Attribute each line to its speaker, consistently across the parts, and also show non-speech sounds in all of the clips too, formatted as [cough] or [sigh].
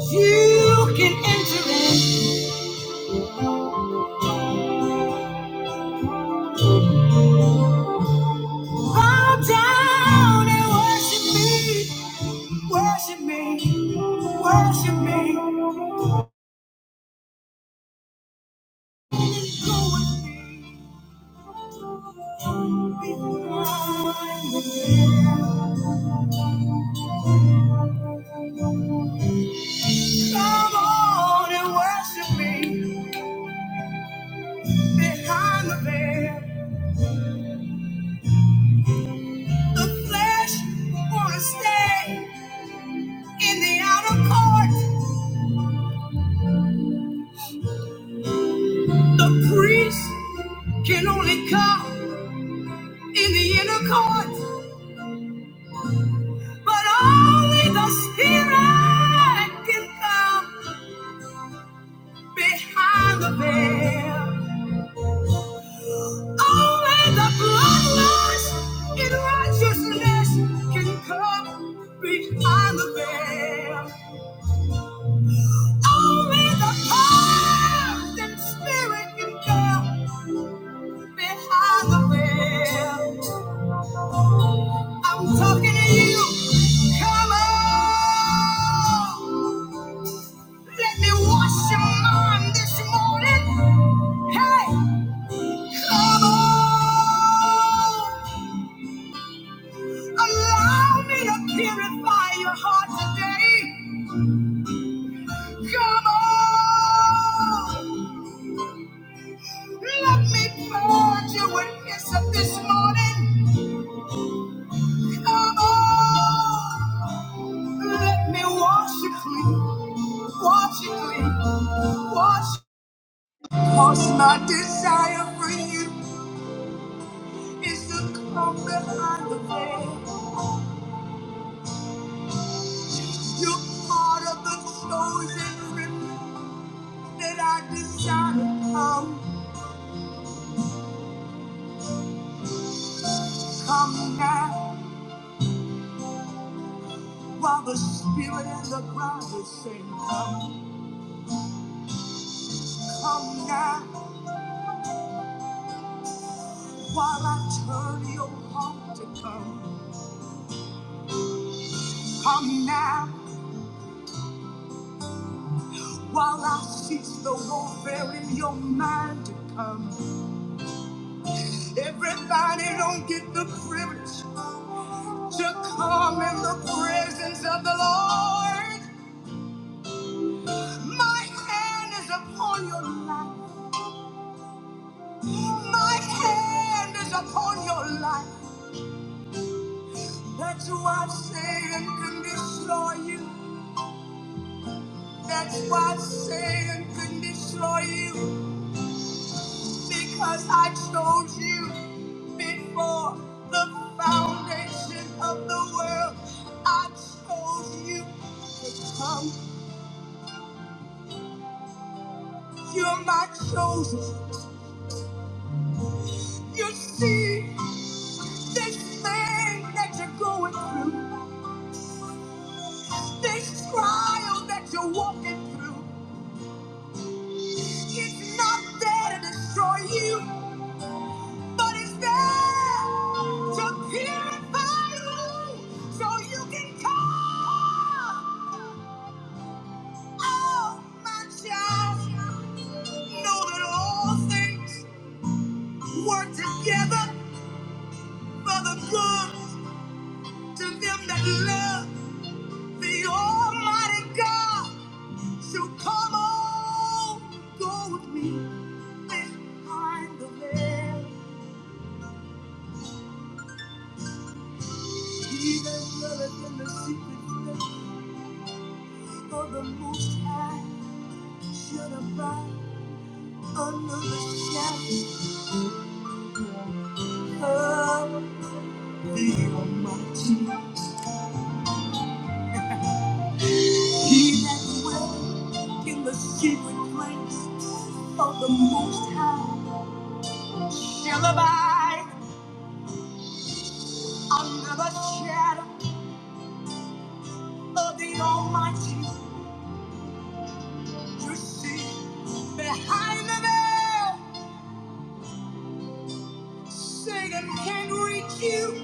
Speaker 1: You can enter in, bow down and worship me, worship me, worship me. Come on and worship me behind the veil. The flesh wanna stay in the outer court. The priest can only come in the inner court. But only the spirit can come behind the veil. Only the bloodlust in righteousness can come behind the veil. Only the pardon spirit can come behind the veil. I'm talking to you. Come on. Let me wash your mind this morning. Hey. Come on, allow me to purify your heart today. Come on, let me purge you with hyssop this morning. Come on, let me wash you clean, wash you clean, wash. you. Cause my desire for you is to come behind the veil. You're part of the chosen remnant that I desire to come. Come now, while the spirit and the ground is saying, Come, come now, while I turn your heart to come. Come now, while I cease the warfare in your mind to come. Everybody don't get the privilege to come in the presence of the Lord. My hand is upon your life. My hand is upon your life. That's why I'm saying can destroy you. That's why I'm saying can destroy you. Because I chose you before the foundation of the world. I chose you. Come, you're my chosen. You see this thing that you're going through, this trial that you're walking through. It's not there to destroy you. But it's there to purify you so you can come. Oh, my child, know that all things work together for the good to them that love the Almighty God. So come on, go with me behind the veil. He that dwelleth in the secret place of the Most High. Should abide another the shadow of the Almighty. He that dwelleth in the secret place of the Most High shall abide under the shadow of the Almighty. You see, behind the veil, Satan can't reach you.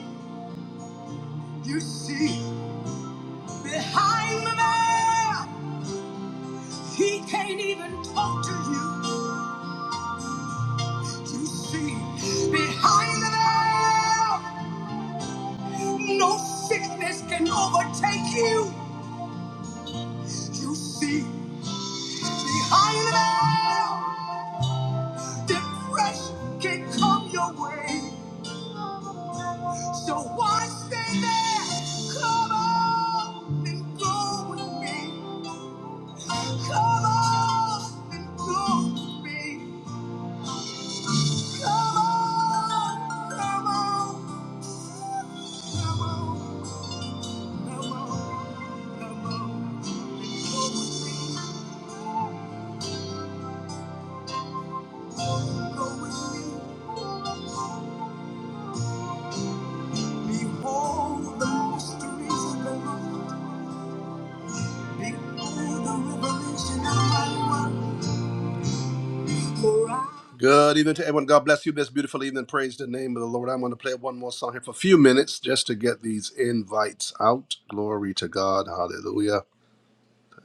Speaker 1: You see, behind the veil, he can't even talk to you. You see, behind the veil, no sickness can overtake you. You see, behind the veil, depression can come your way. So why stay there? Come on and go with me. Come on and go with me. Come on, come on, come on. Good evening to everyone. God bless you this beautiful evening. Praise the name of the Lord. I'm going to play one more song here for a few minutes just to get these invites out. Glory to God. Hallelujah.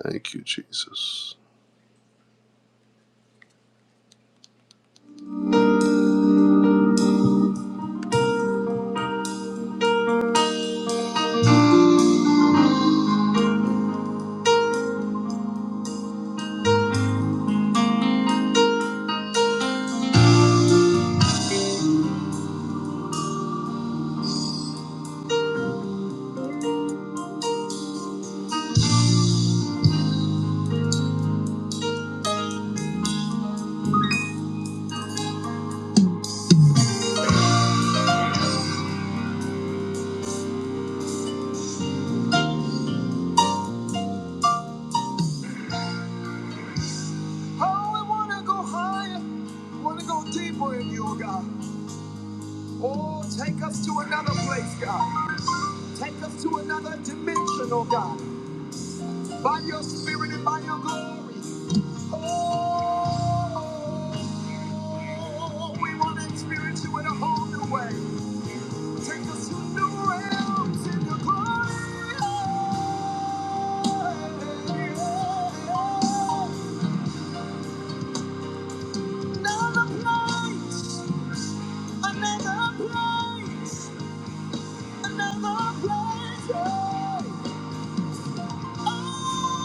Speaker 1: Thank you, Jesus. Oh, I want to go higher. I want to go deeper in you, oh God. Oh, take us to another place, God. Take us to another dimension, oh God. By your spirit and by your glory. Oh, we want to experience you in a whole new way. Take us to new realms in your glory. Another place, another place, another place. Yeah. Oh.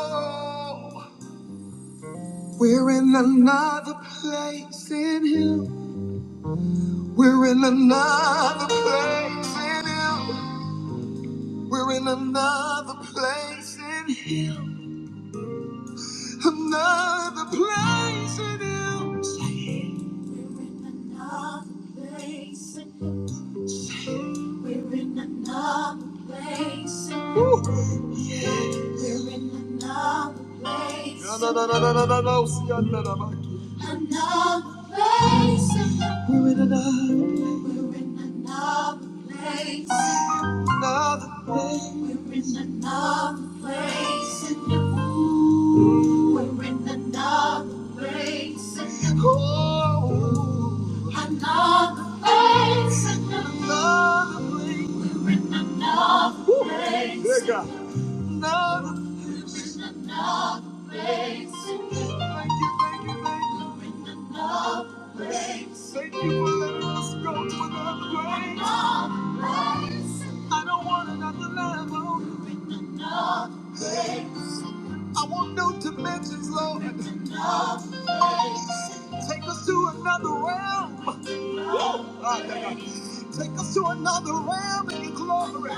Speaker 1: Oh, we're in another place in Him. We're in another place in Him. We're in another place in Him. We're in another place in Him. We're in another place in Him. We're in another place. in Him. Another place in Him. We're in another place. We're in another place in the mood. We're in another place in the Ooh. Another place in the Another Another place. Good God. Another. Another place in the moon. Thank you, thank you, thank you. We're in another place. Thank you for letting us go to another place. Another place. I don't want another level. I want new dimensions, Lord. Take us to another realm. Ah, yeah, yeah. Take us to another realm in your glory.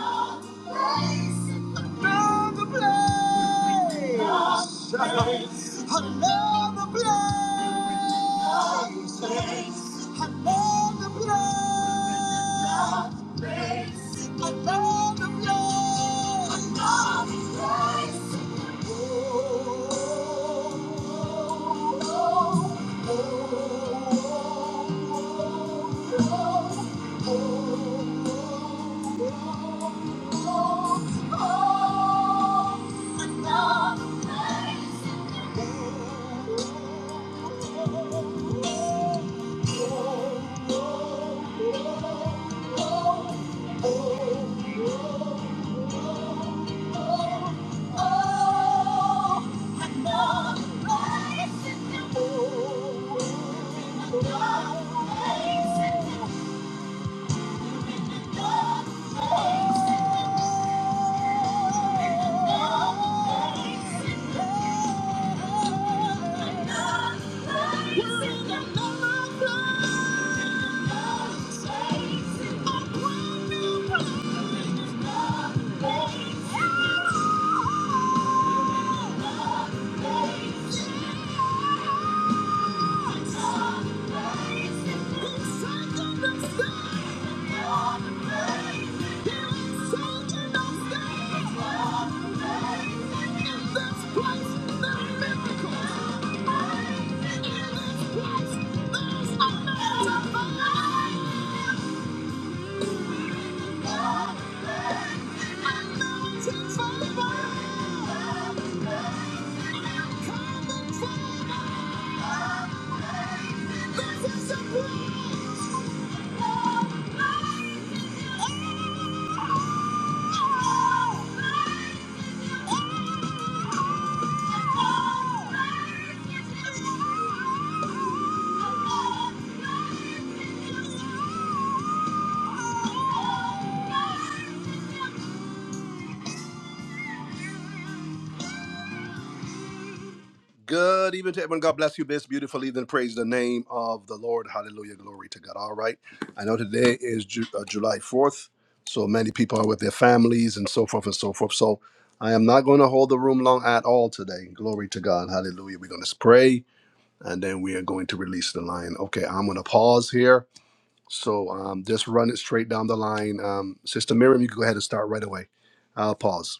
Speaker 1: Another place. Another place. Another place. Oh, oh, another place. Oh, yeah. Thank you. Thank you. Good evening to everyone. God bless you. This beautifully. Then Praise the name of the Lord. Hallelujah. Glory to God. All right. I know today is Ju- uh, July 4th. So many people are with their families and so forth and so forth. So I am not going to hold the room long at all today. Glory to God. Hallelujah. We're going to pray and then we are going to release the line. Okay. I'm going to pause here. So um, just run it straight down the line. Um, Sister Miriam, you can go ahead and start right away. I'll pause.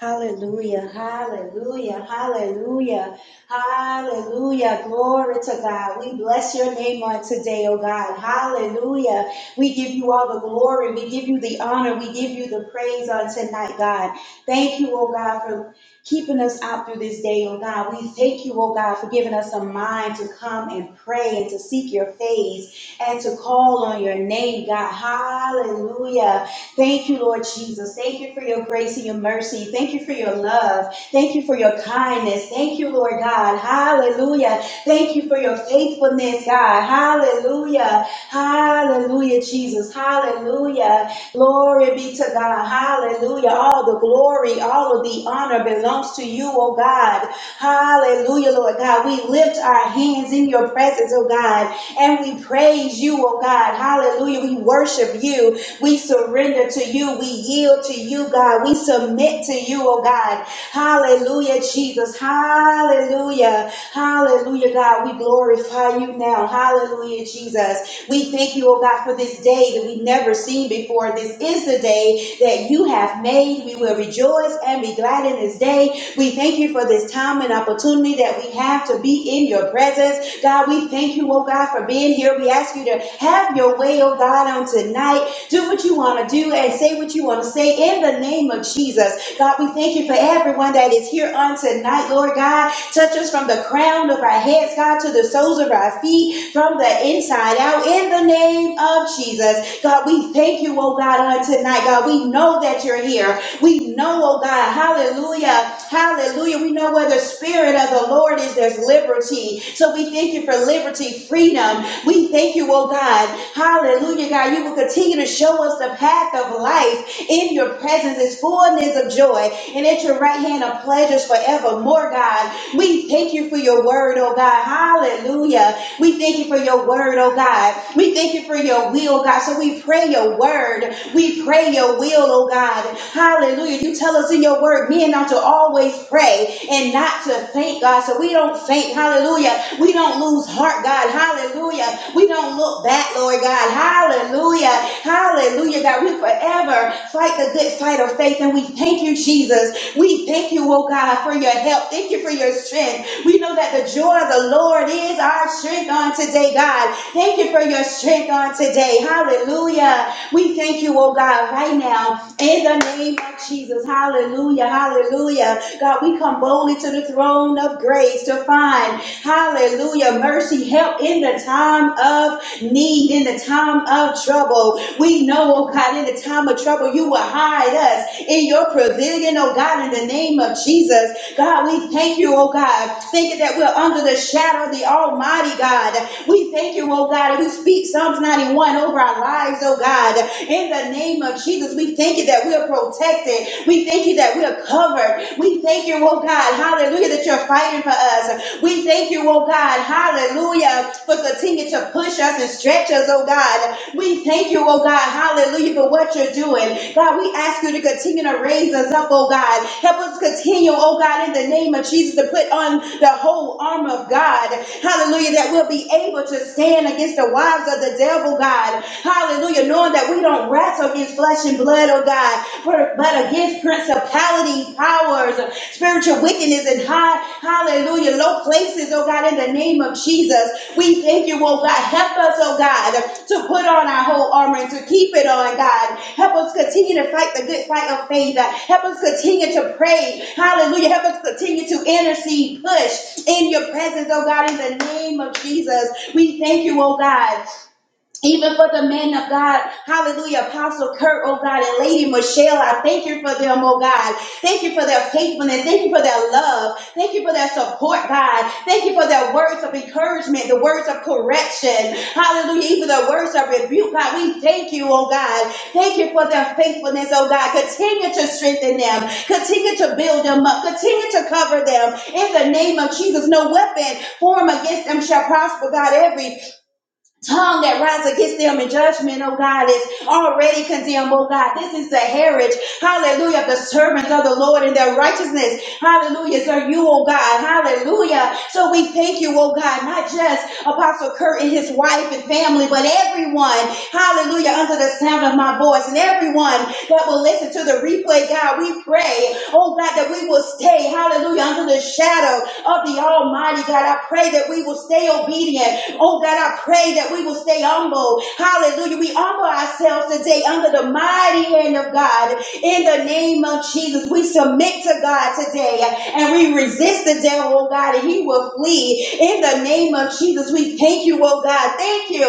Speaker 2: Hallelujah, hallelujah, hallelujah, hallelujah. Glory to God. We bless your name on today, oh God. Hallelujah. We give you all the glory. We give you the honor. We give you the praise on tonight, God. Thank you, oh God, for keeping us out through this day, oh God. We thank you, oh God, for giving us a mind to come and pray and to seek your face and to call on your name, God. Hallelujah. Thank you, Lord Jesus. Thank you for your grace and your mercy. Thank you for your love. Thank you for your kindness. Thank you, Lord God. Hallelujah. Thank you for your faithfulness, God. Hallelujah. Hallelujah, Jesus. Hallelujah. Glory be to God. Hallelujah. All the glory, all of the honor belongs to you, oh God. Hallelujah, Lord God. We lift our hands in your presence, oh God. And we praise you, oh God. Hallelujah. We worship you. We surrender to you. We yield to you, God. We submit to you, oh God. Hallelujah, Jesus. Hallelujah. Hallelujah, God. We glorify you now. Hallelujah, Jesus. We thank you, oh God, for this day that we've never seen before. This is the day that you have made. We will rejoice and be glad in this day. We thank you for this time and opportunity that we have to be in your presence. God, we thank you, oh God, for being here. We ask you to have your way, oh God, on tonight. Do what you want to do and say what you want to say in the name of Jesus. God, we thank you for everyone that is here on tonight, Lord God. Touch us from the crown of our heads, God, to the soles of our feet, from the inside out, in the name of Jesus. God, we thank you, oh God, on tonight. God, we know that you're here. We know, oh God, hallelujah, hallelujah. We know where the spirit of the Lord is, there's liberty. So we thank you for liberty, freedom. We thank you, oh God, hallelujah, God. You will continue to show us the path of life. In your presence is fullness of joy, and at your right hand of pleasures forevermore, God. We thank you for your word, oh God, hallelujah. We thank you for your word, oh God. We thank you for your will, God. So we pray your word. We pray your will, oh God. Hallelujah. You tell us in your word, men not to always pray and not to faint, God. So we don't faint. Hallelujah. We don't lose heart, God. Hallelujah. We don't look back, Lord God. Hallelujah. Hallelujah, God. We forever fight the good fight of faith. And we thank you, Jesus. We thank you, oh God, for your help. Thank you for your strength. We know that the joy of the Lord is our strength on today, God. Thank you for your strength on today. Hallelujah. We thank you, oh God, right now in the name of Jesus. Hallelujah, hallelujah. God, we come boldly to the throne of grace to find, hallelujah, mercy, help in the time of need, in the time of trouble. We know, oh God, in the time of trouble, you will hide us in your pavilion, oh God, in the name of Jesus. God, we thank you, oh God, thinking that we're under the shadow of the Almighty God. We thank you, oh God, and we speak Psalms 91 over our lives, oh God. In the name of Jesus, we thank you that we're protected. We thank you that we're covered. We thank you, oh God, hallelujah, that you're fighting for us. We thank you, oh God, hallelujah, for continuing to push us and stretch us, oh God. God. We thank you, oh God, hallelujah, for what you're doing. God, we ask you to continue to raise us up, oh God. Help us continue, oh God, in the name of Jesus, to put on the whole armor of God. Hallelujah, that we'll be able to stand against the wives of the devil, God. Hallelujah, knowing that we don't wrestle against flesh and blood, oh God, but against principalities, powers powers of spiritual wickedness in high, hallelujah, low places, oh God, in the name of Jesus. We thank you, oh God. Help us, oh God, to put on our whole armor and to keep it on, God. Help us continue to fight the good fight of faith. Help us continue to pray. Hallelujah. Help us continue to intercede, push in your presence, oh God, in the name of Jesus. We thank you, oh God. Even for the men of God, hallelujah, Apostle Kurt, oh God, and Lady Michelle, I thank you for them, oh God. Thank you for their faithfulness. Thank you for their love. Thank you for their support, God. Thank you for their words of encouragement, the words of correction. Hallelujah, even the words of rebuke, God. We thank you, oh God. Thank you for their faithfulness, oh God. Continue to strengthen them. Continue to build them up. Continue to cover them. In the name of Jesus, no weapon formed against them shall prosper, God. Every tongue that rises against them in judgment, oh God, is already condemned, oh God. This is the heritage, hallelujah, of the servants of the Lord and their righteousness. Hallelujah, sir, you, oh God, hallelujah. So we thank you, oh God, not just Apostle Kurt and his wife and family, but everyone, hallelujah, under the sound of my voice and everyone that will listen to the replay, God, we pray, oh God, that we will stay, hallelujah, under the shadow of the Almighty, God. I pray that we will stay obedient Oh God, I pray that we will stay humble. Hallelujah. We humble ourselves today under the mighty hand of God. In the name of Jesus, we submit to God today and we resist the devil, oh God, and he will flee. In the name of Jesus, we thank you, oh God. Thank you.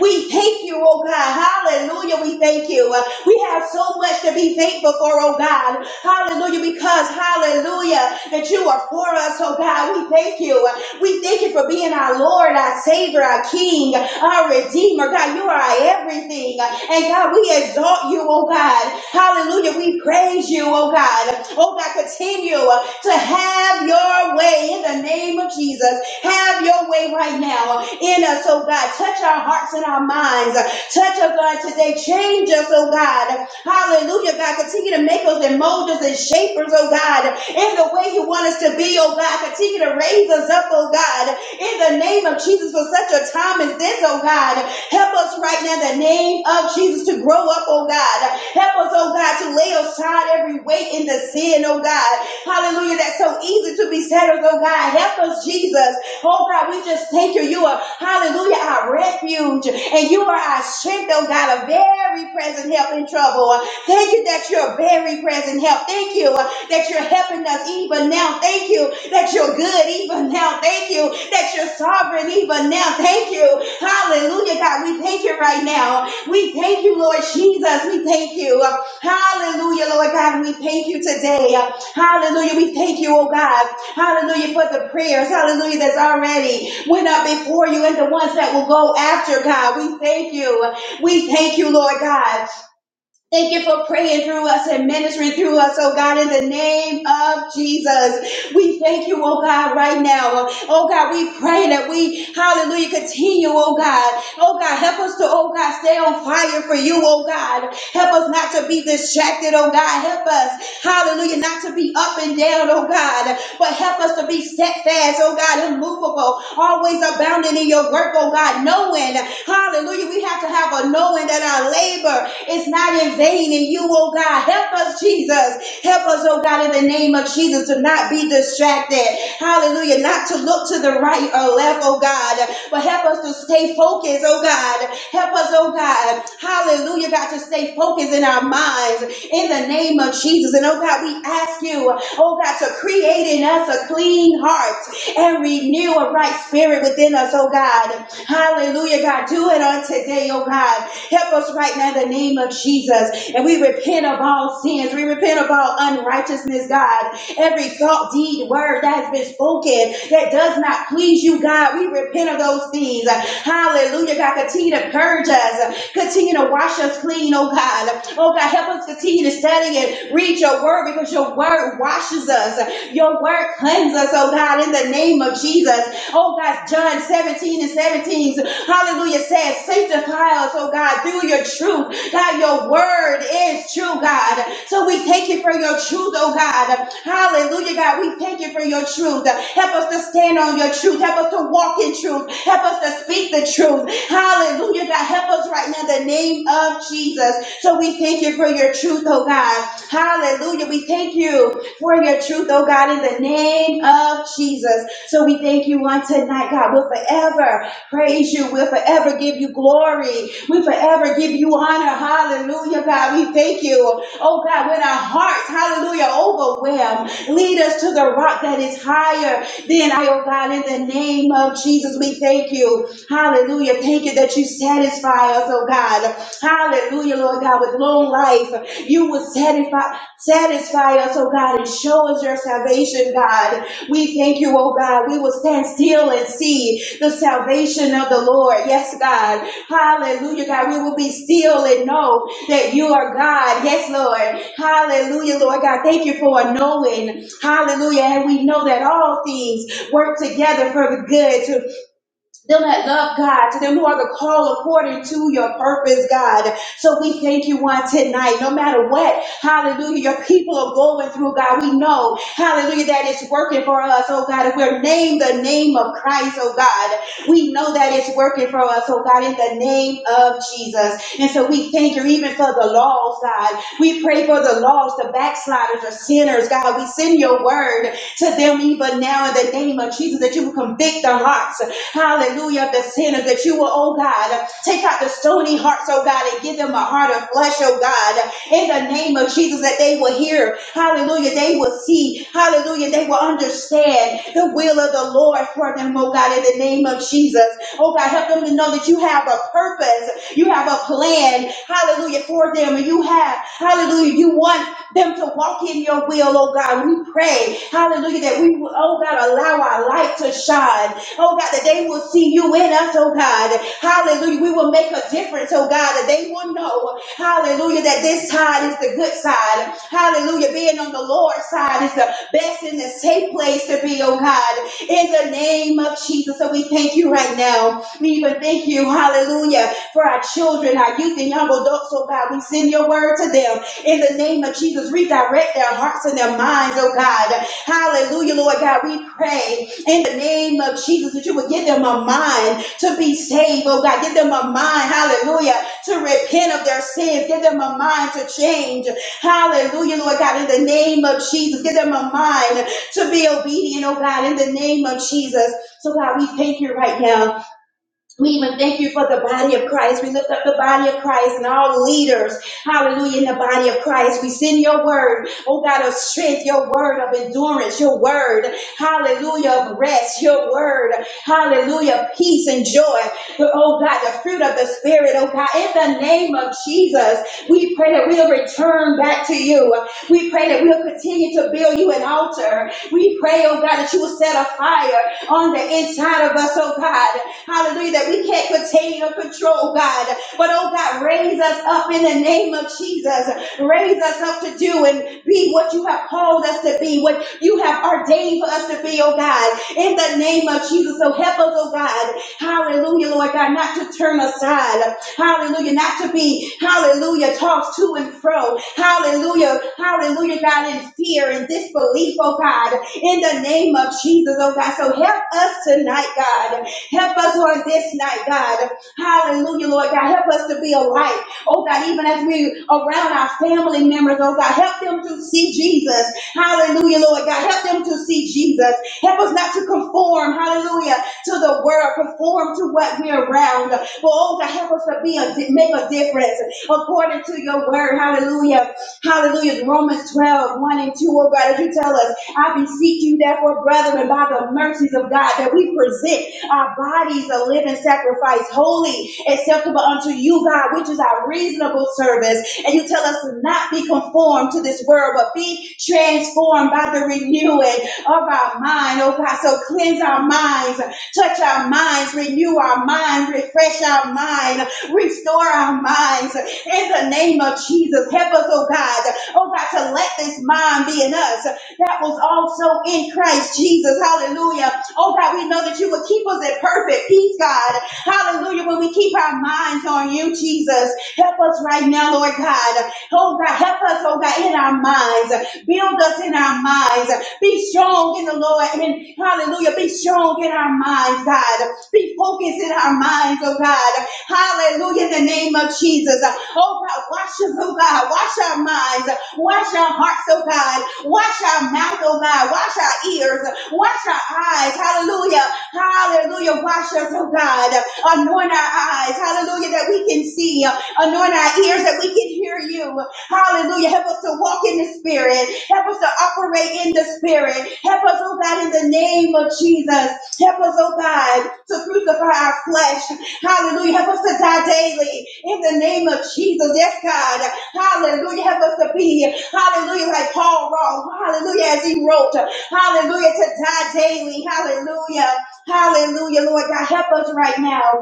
Speaker 2: We thank you, oh God. Hallelujah. We thank you. We have so much to be thankful for, oh God. Hallelujah. Because, hallelujah, that you are for us, oh God. We thank you. We thank you for being our Lord, our Savior, our King, our Redeemer. God, you are our everything. And God, we exalt you, oh God. Hallelujah. We praise you, oh God. Oh God, continue to have your way in the name of Jesus. Have your way right now in us, oh God. Touch our hearts and our minds. Touch us, God, today. Change us, oh God. Hallelujah, God. Continue to make us and mold us and shape us, oh God in the way you want us to be, oh God. Continue to raise us up, oh God, in the name of Jesus for such a time as this, oh God. Help us right now, in the name of Jesus, to grow up, oh God. Help us, oh God, to lay aside every weight in the sin, oh God. Hallelujah, that's so easy to be settled, oh God. Help us, Jesus. Oh God, we just thank you. You are, hallelujah, our refuge, and you are our strength, oh God, a very present help in trouble. Thank you that you're a very present help. Thank you that you're helping us even now. Thank you that you're good even now. Thank you that you're sovereign even now. Thank you. Hallelujah, God. We thank you right now. We thank you, Lord Jesus. We thank you. Hallelujah, Lord God. We thank you today. Hallelujah. We thank you, oh God. Hallelujah for the prayers. Hallelujah that's already went up before you and the ones that will go after, God. We thank you. We thank you, Lord God. Thank you for praying through us and ministering through us, oh God, in the name of Jesus. We thank you, oh God, right now. Oh God, we pray that we, hallelujah, continue, oh God. Oh God, help us to, oh God, stay on fire for you, oh God. Help us not to be distracted, oh God. Help us, hallelujah, not to be up and down, oh God, but help us to be steadfast, oh God, immovable, always abounding in your work, oh God, knowing, hallelujah, we have to have a knowing that our labor it's not in vain in you, oh God. Help us, Jesus. Help us, oh God, in the name of Jesus to not be distracted. Hallelujah. Not to look to the right or left, oh God, but help us to stay focused, oh God. Help us, oh God. Hallelujah, God, to stay focused in our minds in the name of Jesus. And oh God, we ask you, oh God, to create in us a clean heart and renew a right spirit within us, oh God. Hallelujah, God. Do it on today, oh God. Help us right now in the name of Jesus. And we repent of all sins. We repent of all unrighteousness, God. Every thought, deed, word that has been spoken that does not please you, God. We repent of those things. Hallelujah, God. Continue to purge us. Continue to wash us clean, oh God. Oh God, help us continue to study and read your word because your word washes us. Your word cleanses us, oh God, in the name of Jesus. Oh God, John 17 and 17 Hallelujah. Says, sanctify us, oh God, through your truth. God, your word is true, God. So we thank you for your truth, oh God. Hallelujah, God. We thank you for your truth. Help us to stand on your truth. Help us to walk in truth. Help us to speak the truth. Hallelujah, God. Help us right now in the name of Jesus. So we thank you for your truth, oh God. Hallelujah. We thank you for your truth, oh God, in the name of Jesus. So we thank you on tonight, God. We'll forever praise you. We'll forever give you glory. We forever give you honor. Hallelujah, God. We thank you. Oh, God, with our hearts, hallelujah, overwhelmed. Lead us to the rock that is higher than I, oh, God, in the name of Jesus. We thank you. Hallelujah. Thank you that you satisfy us, oh, God. Hallelujah, Lord God, with long life. You will satisfy, satisfy us, oh, God, and show us your salvation, God. We thank you, oh, God. We will stand still and see the salvation of the Lord. Yes, God. Hallelujah, God. We will be still and know that you are God. Yes, Lord. Hallelujah, Lord God. Thank you for a knowing. Hallelujah. And we know that all things work together for the good to them that love God, to them who are the call according to your purpose, God. So we thank you on tonight. No matter what, hallelujah, your people are going through, God. We know, hallelujah, that it's working for us, oh God. If we're named the name of Christ, oh God, we know that it's working for us, oh God, in the name of Jesus. And so we thank you even for the lost, God. We pray for the lost, the backsliders, the sinners, God. We send your word to them even now in the name of Jesus that you will convict their hearts hallelujah, of the sinners, that you will, oh God, take out the stony hearts, oh God, and give them a heart of flesh, oh God, in the name of Jesus, that they will hear, hallelujah, they will see, hallelujah, they will understand the will of the Lord for them, oh God, in the name of Jesus. Oh God, help them to know that you have a purpose, you have a plan, hallelujah, for them, and you have, hallelujah, you want them to walk in your will, oh God. We pray, hallelujah, that we, will, oh God, allow our light to shine oh God, that they will see you in us, oh God. Hallelujah. We will make a difference, oh God, that they will know, hallelujah, that this side is the good side. Hallelujah. Being on the Lord's side is the best and the safe place to be, oh God, in the name of Jesus. So we thank you right now. We even thank you, hallelujah, for our children, our youth, and young adults, oh God. We send your word to them in the name of Jesus. Redirect their hearts and their minds, oh God. Hallelujah, Lord God. We pray in the name of Jesus, that you would give them a mind to be saved, oh God. Give them a mind, hallelujah, to repent of their sins. Give them a mind to change, hallelujah, Lord God, in the name of Jesus. Give them a mind to be obedient, oh God, in the name of Jesus. So, God, we thank you right now. We even thank you for the body of Christ. We lift up the body of Christ and all leaders. Hallelujah. In the body of Christ, we send your word, oh God, of strength, your word of endurance, your word, hallelujah, of rest, your word, hallelujah, peace and joy. Oh God, the fruit of the Spirit, oh God, in the name of Jesus, we pray that we'll return back to you. We pray that we'll continue to build you an altar. We pray, oh God, that you will set a fire on the inside of us, oh God. Hallelujah. That we can't contain or control, God. But oh God, raise us up in the name of Jesus. Raise us up to do and be what you have called us to be, what you have ordained for us to be, oh God. In the name of Jesus. So help us, oh God. Hallelujah, Lord God, not to turn aside. Hallelujah. Not to be, hallelujah, tossed to and fro. Hallelujah. Hallelujah, God, in fear and disbelief, oh God. In the name of Jesus, oh God. So help us tonight, God. Help us, Lord, this night, God. Hallelujah, Lord God. Help us to be a light. Oh God, even as we around our family members, oh God, help them to see Jesus. Hallelujah, Lord God. Help them to see Jesus. Help us not to conform, hallelujah, to the world, conform to what we're around. But oh God, help us to be a make a difference according to your word. Hallelujah. Hallelujah. Romans twelve one and 2. Oh God, as you tell us, I beseech you therefore, brethren, by the mercies of God, that we present our bodies a living sacrifice, holy, acceptable unto you, God, which is our reasonable service. And you tell us to not be conformed to this world, but be transformed by the renewing of our mind, oh God. So cleanse our minds, touch our minds, renew our mind, refresh our mind, restore our minds in the name of Jesus. Help us, oh God, oh God, to let this mind be in us that was also in Christ Jesus. Hallelujah. Oh God, we know that you will keep us in perfect peace, God. Hallelujah. When we keep our minds on you, Jesus, help us right now, Lord God. Oh God, help us, oh God, in our minds. Build us in our minds. Be strong in the Lord. And hallelujah. Be strong in our minds, God. Be focused in our minds, oh God. Hallelujah, in the name of Jesus. Oh God, wash us, oh God. Wash our minds. Wash our hearts, oh God. Wash our mouth, oh God. Wash our ears. Wash our eyes. Hallelujah. Hallelujah. Wash us, oh God. Anoint our eyes. Hallelujah, that we can see. Anoint our ears that we can hear you. Hallelujah. Help us to walk in the spirit. Help us to operate in the spirit. Help us, oh God, in the name of Jesus. Help us, oh God, to crucify our flesh. Hallelujah. Help us to die daily in the name of Jesus. Yes, God. Hallelujah. Help us to be, hallelujah, like Paul wrote. Hallelujah, as he wrote. Hallelujah, to die daily. Hallelujah. Hallelujah, Lord God. Help us right now.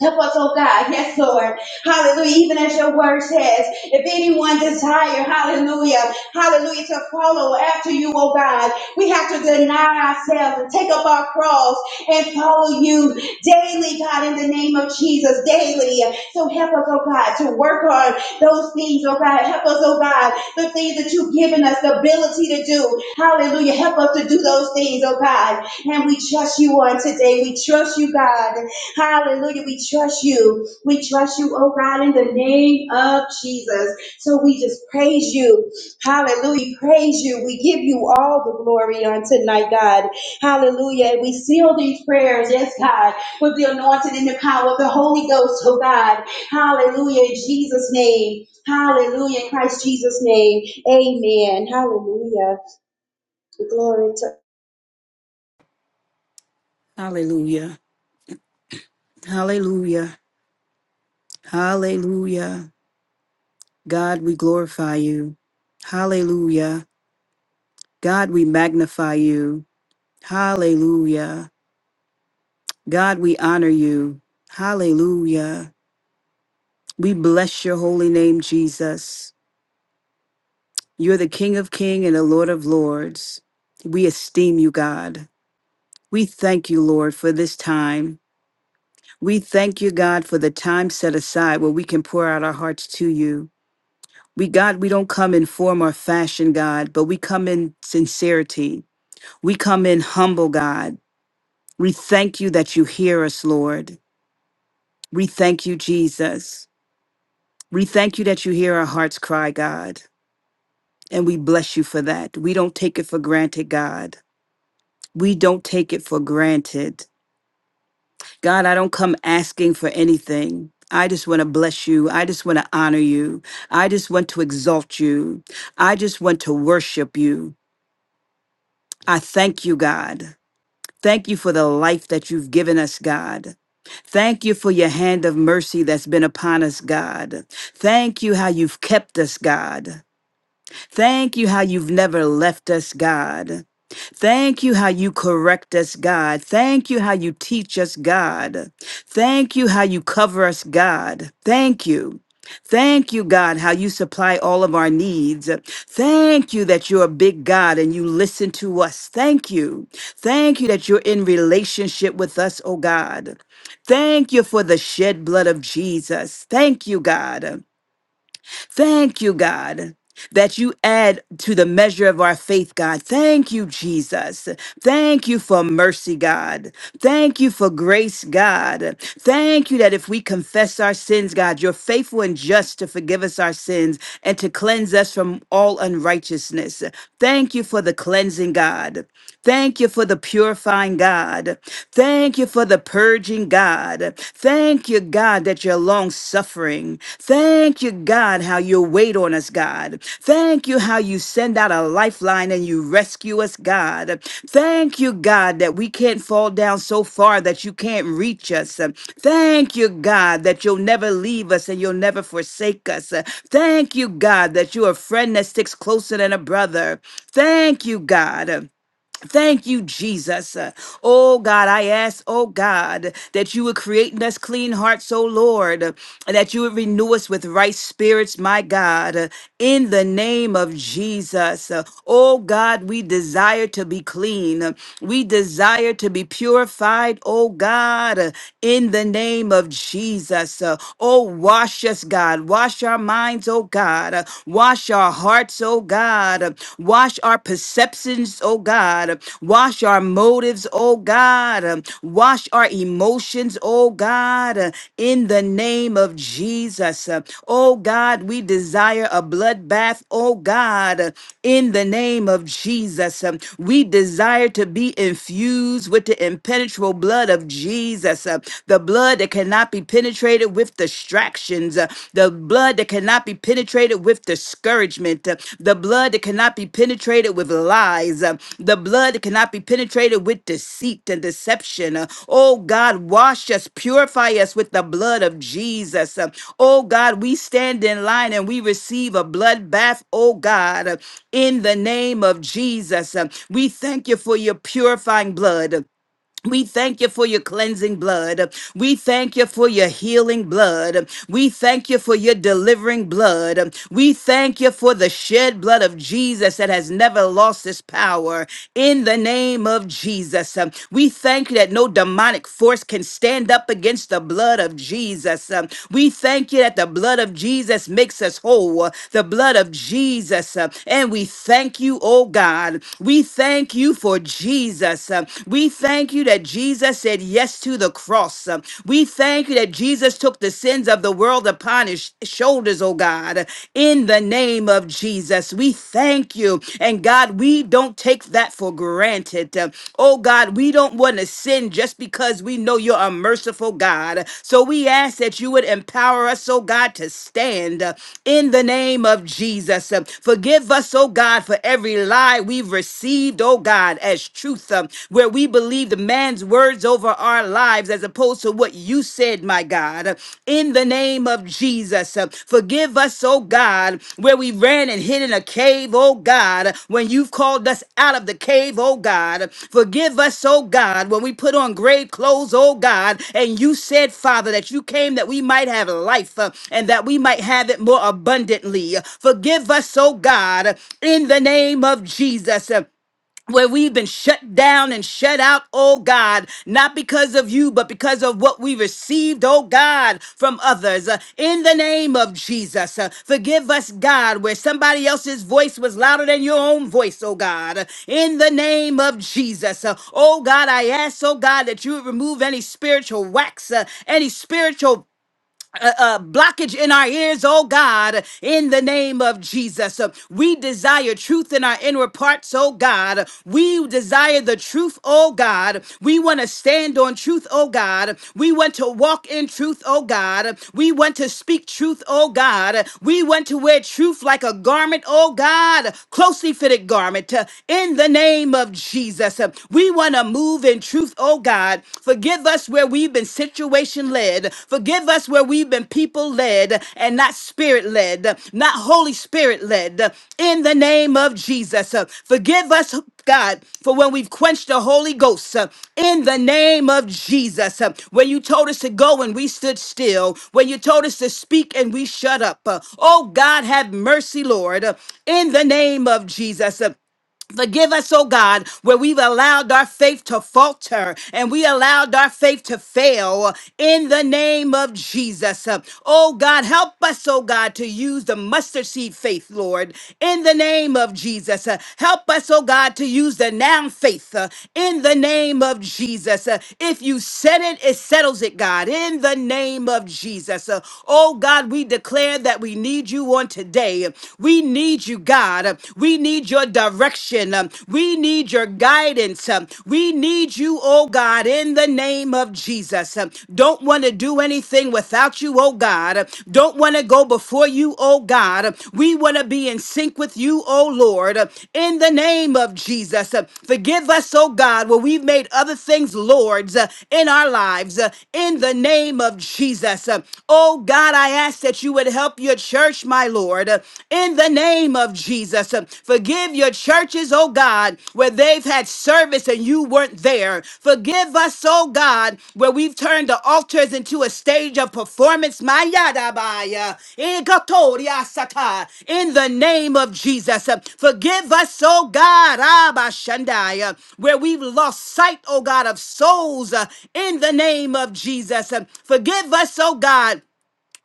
Speaker 2: Help us, oh God. [laughs] Yes, Lord. Hallelujah. Even as your word says, if anyone desire, hallelujah, hallelujah, to follow after you, oh God, we have to deny ourselves and take up our cross and follow you daily, God, in the name of Jesus, daily. So help us, oh God, to work on those things, oh God. Help us, oh God, the things that you've given us the ability to do. Hallelujah. Help us to do those things, oh God. And we trust you on today. We trust you, God. Hallelujah. We trust you. We trust you, oh God, in the name of Jesus. So we just praise you. Hallelujah. Praise you. We give you all the glory on tonight, God. Hallelujah. And we seal these prayers, yes, God, with the anointing and the power of the Holy Ghost, oh God. Hallelujah. In Jesus' name. Hallelujah. In Christ Jesus' name. Amen. Hallelujah. Glory to
Speaker 3: Hallelujah. Hallelujah. Hallelujah. God, we glorify you. Hallelujah. God, we magnify you. Hallelujah. God, we honor you. Hallelujah. We bless your holy name, Jesus. You're the King of Kings and the Lord of Lords. We esteem you, God. We thank you, Lord, for this time. We thank you, God, for the time set aside where we can pour out our hearts to you. We, God, we don't come in form or fashion, God, but we come in sincerity. We come in humble, God. We thank you that you hear us, Lord. We thank you, Jesus. We thank you that you hear our hearts cry, God. And we bless you for that. We don't take it for granted, God. We don't take it for granted. God, I don't come asking for anything. I just want to bless you. I just want to honor you. I just want to exalt you. I just want to worship you. I thank you, God. Thank you for the life that you've given us, God. Thank you for your hand of mercy that's been upon us, God. Thank you how you've kept us, God. Thank you how you've never left us, God. Thank you how you correct us, God. Thank you how you teach us, God. Thank you how you cover us, God. Thank you. Thank you, God, how you supply all of our needs. Thank you that you're a big God and you listen to us. Thank you. Thank you that you're in relationship with us, oh God. Thank you for the shed blood of Jesus. Thank you, God. Thank you, God. That you add to the measure of our faith, God. Thank you, Jesus. Thank you for mercy, God. Thank you for grace, God. Thank you that if we confess our sins, God, you're faithful and just to forgive us our sins and to cleanse us from all unrighteousness. Thank you for the cleansing, God. Thank you for the purifying God. Thank you for the purging God. Thank you, God, that you're long suffering. Thank you, God, how you wait on us, God. Thank you, how you send out a lifeline and you rescue us, God. Thank you, God, that we can't fall down so far that you can't reach us. Thank you, God, that you'll never leave us and you'll never forsake us. Thank you, God, that you're a friend that sticks closer than a brother. Thank you, God. Thank you, Jesus. Uh, Oh God, I ask, oh God, that you would create in us clean hearts, oh Lord, uh, and that you would renew us with right spirits, my God, uh, in the name of Jesus. Uh, Oh God, we desire to be clean. Uh, We desire to be purified, oh God, uh, in the name of Jesus. Uh, Oh, wash us, God. Wash our minds, oh God. Uh, Wash Wash our hearts, oh God. Wash our perceptions, oh God. Wash our motives, oh God. Wash our emotions, oh God. In the name of Jesus. Oh God, we desire a bloodbath, oh God. In the name of Jesus. We desire to be infused with the impenetrable blood of Jesus, the blood that cannot be penetrated penetrated with distractions, uh, the blood that cannot be penetrated with discouragement, uh, the blood that cannot be penetrated with lies, uh, the blood that cannot be penetrated with deceit and deception. uh, Oh God, wash us, purify us with the blood of Jesus. uh, Oh God, we stand in line and we receive a blood bath, oh God, uh, in the name of Jesus. uh, We thank you for your purifying blood. We thank you for your cleansing blood. We thank you for your healing blood. We thank you for your delivering blood. We thank you for the shed blood of Jesus that has never lost its power. In the name of Jesus, um, we thank you that no demonic force can stand up against the blood of Jesus. Um, We thank you that the blood of Jesus makes us whole. The blood of Jesus. uh, And we thank you, oh God. We thank you for Jesus. We thank you that Jesus said yes to the cross. We thank you that Jesus took the sins of the world upon his sh- shoulders, oh God, in the name of Jesus. We thank you. And God, we don't take that for granted. Oh God, we don't want to sin just because we know you're a merciful God. So we ask that you would empower us, oh God, to stand uh, in the name of Jesus. Uh, Forgive us, oh God, for every lie we've received, oh God, as truth, um, where we believe the man's words over our lives as opposed to what you said, my God. In the name of Jesus, uh, forgive us, oh God, where we ran and hid in a cave, oh God, when you've called us out of the cave, oh God. Forgive us, oh God, when we put on grave clothes, oh God, and you said, Father, that you came that we might have life uh, and that we might have it more abundantly. Forgive us, oh God, in the name of Jesus where we've been shut down and shut out, oh God, not because of you, but because of what we received, oh God, from others. Uh, in the name of Jesus, uh, forgive us, God, where somebody else's voice was louder than your own voice, oh God. Uh, in the name of Jesus, uh, oh God, I ask, oh God, that you would remove any spiritual wax, uh, any spiritual uh, uh, blockage in our ears, oh God, in the name of Jesus. Uh, we desire truth in our inward parts, oh God. We desire the truth, oh God. We want to stand on truth, oh God. We want to walk in truth, oh God. We want to speak truth, oh God. We want to wear truth like a garment, oh God, closely fitted garment, uh, in the name of Jesus. Uh, we want to move in truth, oh oh God. Forgive us where we've been situation led. Forgive us where we've been people led and not spirit led, not Holy Spirit led. In the name of Jesus, uh, forgive us, God, for when we've quenched the Holy Ghost. uh, In the name of Jesus, uh, when you told us to go and we stood still, when you told us to speak and we shut up. uh, Oh God, have mercy, Lord. uh, In the name of Jesus. uh, Forgive us, oh God, where we've allowed our faith to falter and we allowed our faith to fail in the name of Jesus. Uh, Oh God, help us, oh God, to use the mustard seed faith, Lord, in the name of Jesus. Uh, Help us, oh God, to use the noun faith uh, in the name of Jesus. Uh, If you said it, it settles it, God, in the name of Jesus. Uh, Oh God, we declare that we need you on today. We need you you, God. Uh, We need your direction. Um, We need your guidance. Um, We need you, oh God, in the name of Jesus. Um, Don't want to do anything without you, oh God. Uh, Don't want to go before you, oh God. Uh, We want to be in sync with you, oh Lord, Uh, in the name of Jesus. Uh, Forgive us, oh God, where we've made other things lords uh, in our lives, uh, in the name of Jesus. Uh, Oh God, I ask that you would help your church church, my Lord, in the name of Jesus. Forgive your churches, oh God, where they've had service and you weren't there. Forgive us, oh God, where we've turned the altars into a stage of performance, my Yadabaya, in Katoria Sata, in the name of Jesus. Forgive us, oh God, Abashandaya, where we've lost sight, oh God, of souls, uh, in the name of Jesus. Forgive us, oh God,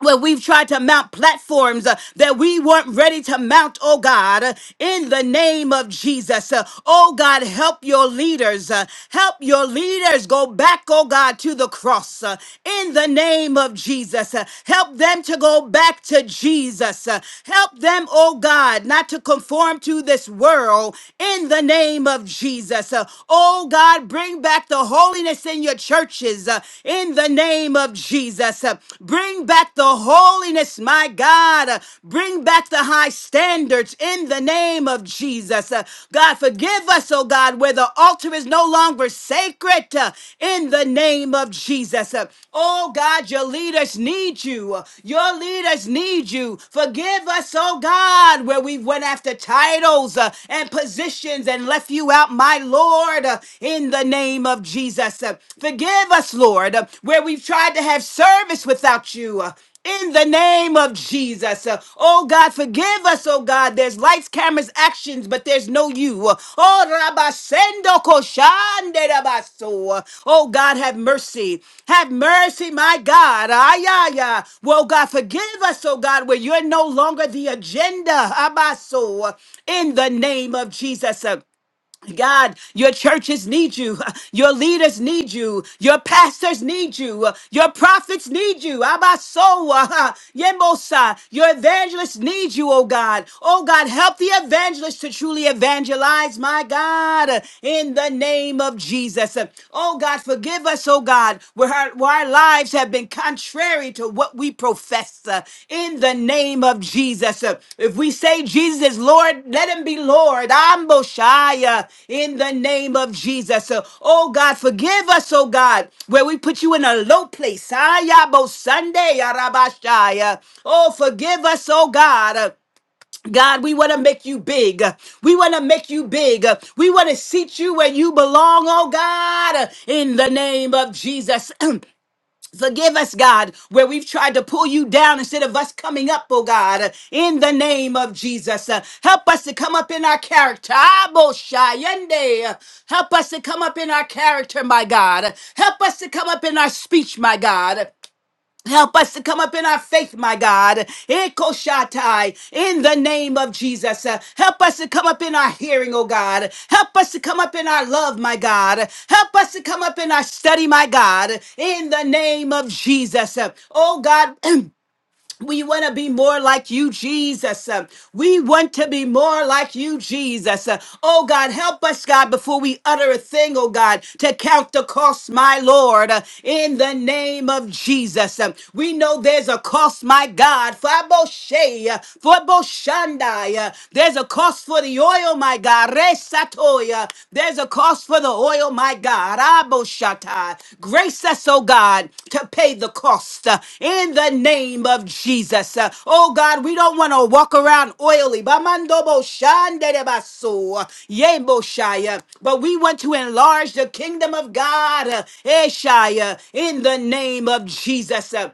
Speaker 3: where we've tried to mount platforms uh, that we weren't ready to mount, oh God, uh, in the name of Jesus. Uh, oh God, help your leaders. uh, help your leaders go back, oh God, to the cross uh, in the name of Jesus. Uh, help them to go back to Jesus. Uh, help them, oh God, not to conform to this world in the name of Jesus. Uh, oh God, bring back the holiness in your churches uh, in the in the name of Jesus. Uh, Bring back the holiness, my God. Uh, Bring back the high standards in the name of Jesus. Uh, God, forgive us, oh God, where the altar is no longer sacred uh, in the name of Jesus. Uh, Oh God, your leaders need you. Uh, Your leaders need you. Forgive us, oh God, where we went after titles uh, and positions and left you out, my Lord, uh, in the name name of Jesus. Uh, Forgive us, Lord, uh, where we've tried to have service without you. uh, In the name of Jesus. Uh, Oh God, forgive us, oh God. There's lights, cameras, actions, but there's no you. Uh, Oh Rabasendo Koshande Rabaso. Uh, Oh God, have mercy. Have mercy, my God. Ay, ay, ay. Well, God, forgive us, oh God, where you're no longer the agenda. Abaso. Uh, In the name of Jesus. Uh, God, your churches need you. [laughs] Your leaders need you. Your pastors need you. Your prophets need you. Abasoa, [laughs] Yemosa. Your evangelists need you, oh God. Oh God, help the evangelists to truly evangelize, my God, in the name of Jesus. Oh God, forgive us, oh God, where our, where our lives have been contrary to what we profess uh, in the name of Jesus. Uh, if we say Jesus is Lord, let him be Lord. I'm Moshiach uh, in the name of Jesus. Uh, oh God, forgive us, oh God, where we put you in a low place. Ayabo Sunday, Arabashaya. Oh, forgive us, oh God. Uh, God, we want to make you big. We want to make you big. We want to seat you where you belong, oh God, in the name of Jesus. [clears throat] Forgive us, God, where we've tried to pull you down instead of us coming up, oh God, in the name of Jesus. Uh, Help us to come up in our character. Abo Shayende. Help us to come up in our character, my God. Help us to come up in our speech, my God. Help us to come up in our faith, my God. Ekoshatai, in the name of Jesus. Uh, Help us to come up in our hearing, oh God. Help us to come up in our love, my God. Help us to come up in our study, my God. In the name of Jesus. Uh, Oh God. [clears throat] We want to be more like you, Jesus. Uh, We want to be more like you, Jesus. Uh, Oh God, help us, God, before we utter a thing, oh God, to count the cost, my Lord, uh, in the name of Jesus. Uh, We know there's a cost, my God, for Boshe, uh, for Boshandai. uh, There's a cost for the oil, my God. Resatoya. There's a cost for the oil, my God. Aboshatai. Grace us, oh God, to pay the cost uh, in the name of Jesus. Uh, Oh God, we don't want to walk around oily. Bamandobo shanderebaso, yemboshaya. But we want to enlarge the kingdom of God. uh, Eshaya, in the name of Jesus. Uh,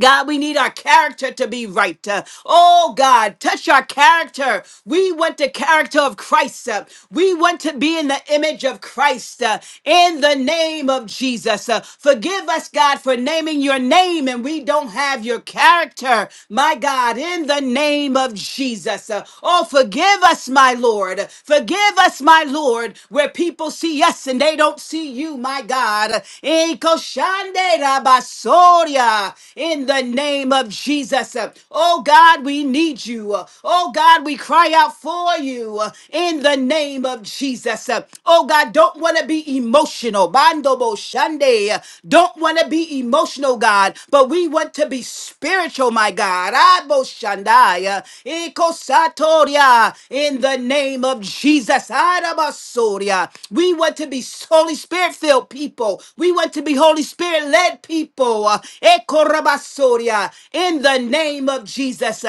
Speaker 3: God, we need our character to be right. Uh, oh, God, touch our character. We want the character of Christ. Uh, we want to be in the image of Christ uh, in the name of Jesus. Uh, forgive us, God, for naming your name and we don't have your character. My God, in the name of Jesus. Uh, oh, forgive us, my my Lord. Forgive us, my Lord, where people see us and they don't see you, my God. Ekoshande rabasoria. In the name of Jesus. Oh God, we need you. Oh God, we cry out for you in the name of Jesus. Oh God, don't want to be emotional. Bando bo shande today don't want to be emotional, God, but we want to be spiritual, my God. Abo Shandaya, Eko Satoria, In the name of Jesus. Arabasoria. We want to be Holy Spirit filled people. We want to be Holy Spirit led people. Eko Rabasoria, In the name of Jesus.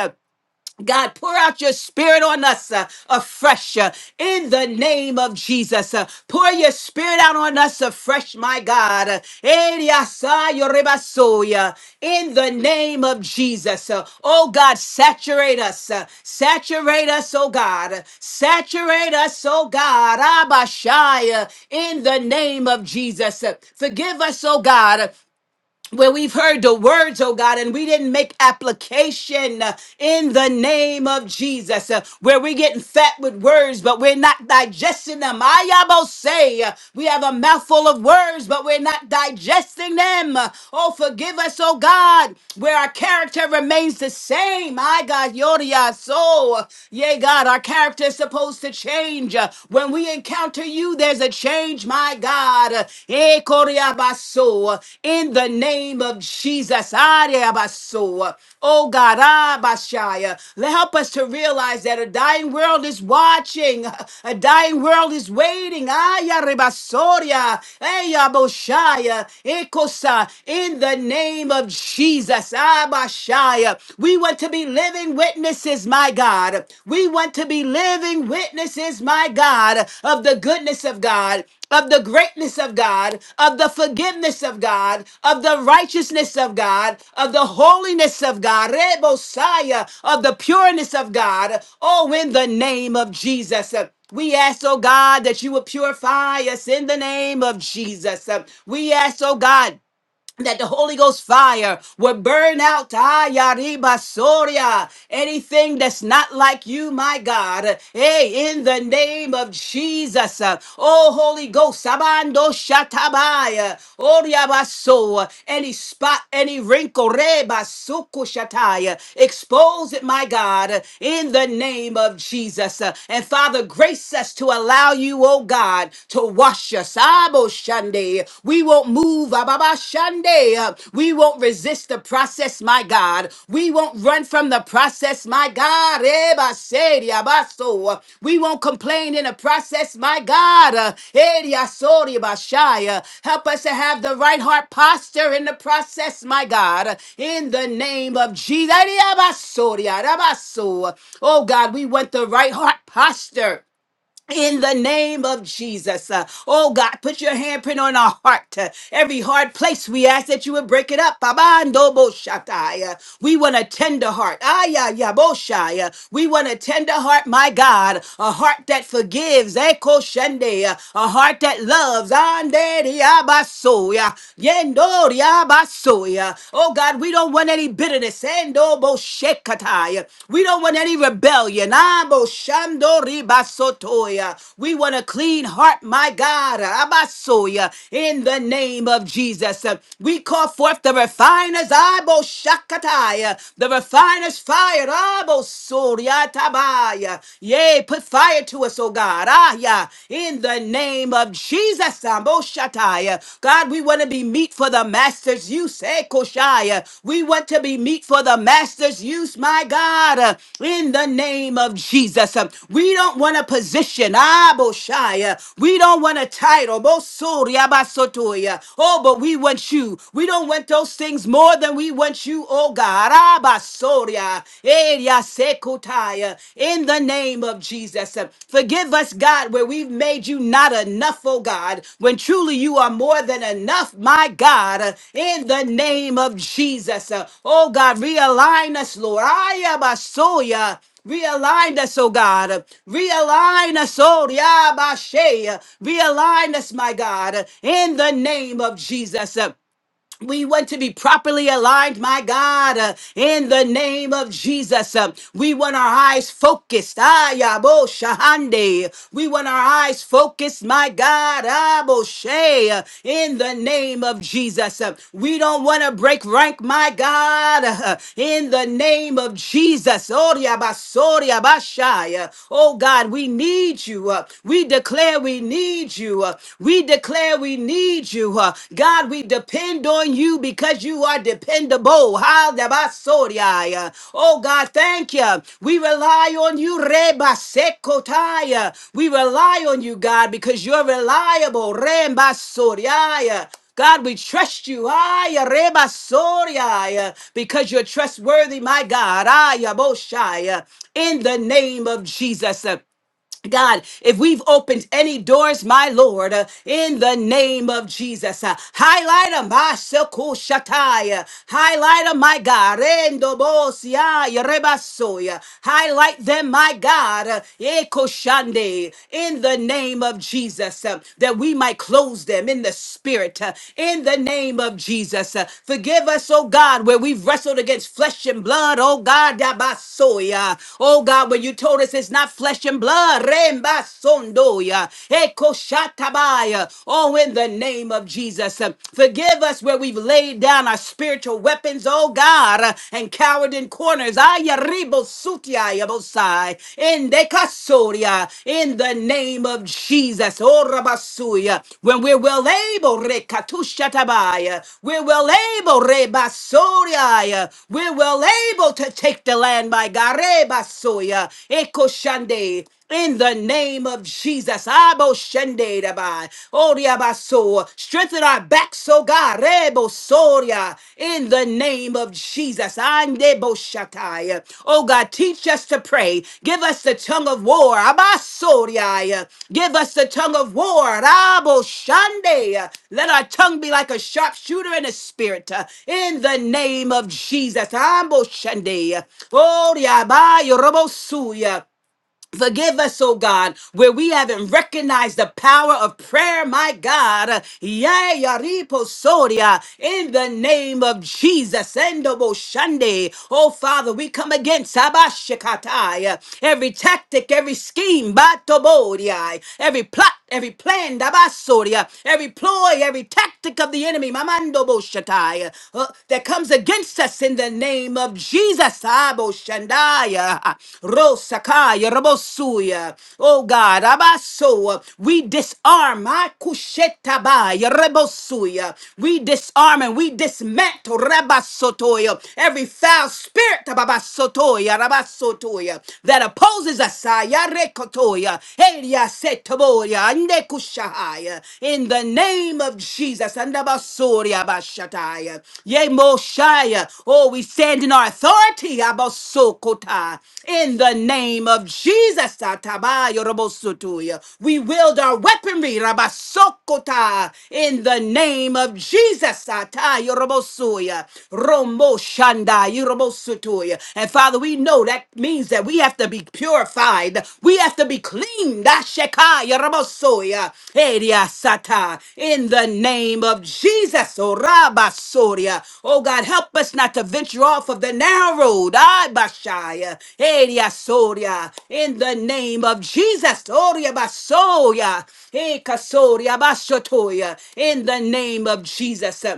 Speaker 3: God, pour out your spirit on us uh, afresh uh, in the name of Jesus. uh, pour your spirit out on us afresh, my God. Uh, Eriasayo rebasoya, in the name of Jesus. Uh, oh God, saturate us. uh, saturate us, oh God. Uh, Saturate us, oh God. Abashaya, in the name of Jesus. Uh, forgive us, oh God where we've heard the words, oh God, and we didn't make application uh, in the name of Jesus, uh, where we're getting fat with words, but we're not digesting them. I almost say uh, we have a mouthful of words, but we're not digesting them. Uh, Oh, forgive us, oh God, where our character remains the same. My God, Yodia, so, yea, God, our character is supposed to change uh, when we encounter to you, there's a change, my God. Eh, Koriabaso, In the name of Jesus. Ariabaso. Oh God, Abashaya. help us to realize that a dying world is watching, a dying world is waiting. Ayarebasoria. Eyaboshaya. Ekosa. In the name of Jesus. Abashaya. We want to be living living witnesses, my God. We want to be living witnesses, my God, of the goodness of God, of the greatness of God, of the forgiveness of God, of the righteousness of God, of the holiness of God, Rebosiah, of the pureness of God. Oh, in the name of Jesus. We ask, oh God, that you would purify us in the name of Jesus. We ask, oh God, that the Holy Ghost fire will burn out ah, yariba, soria, anything that's not like you, my God. Hey, in the name of Jesus. uh, Oh, Holy Ghost, Sabando Shatabaya, Oriabaso, any spot, any wrinkle, Reba Suku Shataya, expose it, my God, in the name of Jesus. Uh, And Father, grace us to allow you, oh God, to wash us. Sabo Shande. We won't move, Ababa Shande. We won't resist the process, my God. We won't run from the process, my God. Eba Sedi Abaso. We won't complain in the process, my God. Edi Asori Bashaya. Help us to have the right heart posture in the process, my God. In the name of Jesus. Edi Abasori Arabaso. Oh God, we want the right heart posture in the name of Jesus. Uh, oh God, put your handprint on our heart. Uh, every hard place we ask that you would break it up. Abando bo shatai. Uh, we want a tender heart. Aya ya bo shai. Uh, we want a tender heart, my God. A heart that forgives. Eko shende. Uh, a heart that loves. Ande riabaso. Uh, Yendo riabaso. Uh, Oh God, we don't want any bitterness sendo bo shekatai. We don't want any rebellion. Ah, bo shando ribasotoya. We want a clean heart, my God. Abasoya. In the name of Jesus. We call forth the refiners. Ah, bo shakatai. The refiners fire. Ah, bo soriatabaya. Yea, put fire to us, oh God. Ah, yeah. In the name of Jesus. Samboshataya. God, we want to be meat for the master's use. Eh, Koshaya. We want to be meat for the master's use, my God, uh, in the name of Jesus. Um, We don't want a position. Ah, Boshaya. We don't want a title. Bosoria Basotoya. Oh, but we want you. We don't want those things more than we want you, oh God. Ah, Basoria. Eh, Yasekotoya in the name of Jesus. Forgive us, God, where we've made you not enough, oh God, when truly you are more than enough, my God, in the name of Jesus. Oh God, realign us, Lord. I Realign us, oh God. Realign us, oh Yabashe. Realign us, my God, in the name of Jesus. We want to be properly aligned, my God, uh, in the name of Jesus. Uh, we want our eyes focused. Ayabo Shahande. We want our eyes focused, my God, Aboshe, uh, in the name of Jesus. Uh, we don't want to break rank, my God, uh, in the name of Jesus. Oriabasoriabashai. Uh, Oh God, we need you. Uh, we declare we need you. Uh, we declare we need you. uh, God, we depend on you because you are dependable. Hallelujah. Uh, Oh, God, thank you. We rely on you. Reba sekotaya. We rely on you, God, because you're reliable. Reba soriaya. God, we trust you. Aya, reba soria, Because you're trustworthy, my God. Aya, boshaya. In the name of Jesus. God, if we've opened any doors, my Lord, uh, in the name of Jesus, uh, highlight them, my Soko Shatai, uh, highlight them, my God, Rendo Bosia, Yerebasoya. highlight them, my God, uh, Ekoshande, in the name of Jesus, uh, that we might close them in the spirit, uh, in the name of Jesus. uh, forgive us, oh God, where we've wrestled against flesh and blood, oh God, Dabasoya. oh God, when you told us it's not flesh and blood blood. Remba sondoya. Eko shatabaya. Oh, in the name of Jesus. Uh, Forgive us where we've laid down our spiritual weapons, oh God, uh, and cowered in corners. Ayaribo ribo sutiaya bosai. In de kasoria. In the name of Jesus. Oh, rabasuya. When we're well able, rekatushatabaya. We're well able, rebasoriaya. We're well able to take the land, my God. Rebasoya. Sunday. In the name of Jesus, Abo Shende Dabai, Oriabaso, strengthen our backs, oh God, Rebo Soria, in the name of Jesus, Ande Boshakai. Oh God, teach us to pray. Give us the tongue of war, Abasoria. Give us the tongue of war, Rabo Shande. Let our tongue be like a sharpshooter in the spirit, uh, in the name of Jesus, Ambo Shande. Oriabai, Robo Suya. Forgive us, oh God, where we haven't recognized the power of prayer, my God. Yea, yaripo soria, In the name of Jesus. Endobo shande. Oh Father, we come against Sabashikatai, every tactic, every scheme, batoboriai, every plot every plan, dabasoria, every ploy, every tactic of the enemy, mamando boshatai, uh, that comes against us in the name of Jesus. Abo shandaya, ah, rosakaya, rabosuya. Oh God, abaso, uh, we disarm, Akushetabaya, kushetabaya, rabosuya. we disarm and we dismantle rabasotoya, every foul spirit rabasotoya, rabasotoya, that opposes Moses Asaya Rekotoya Elia Setoboya Ande Kushahaya in the name of Jesus and Abasoria Bashataya Ye Moshaya Oh we stand in our authority Abasokota in the name of Jesus Atabayo robosutuya. we wield our weaponry Rabasokota in the name of Jesus Atayo robosuya. Rombo Shanda Sotoya. And Father, we know that means that we have to be purified. We have to be cleaned. Ashekaya Rabosoya. Eria Sata. In the name of Jesus. Oh Rabba Soria. Oh God, help us not to venture off of the narrow road. Ay, Bashaya. Eria Soria. In the name of Jesus. Oria Basoya. Ekasoria Basotoya. In the name of Jesus.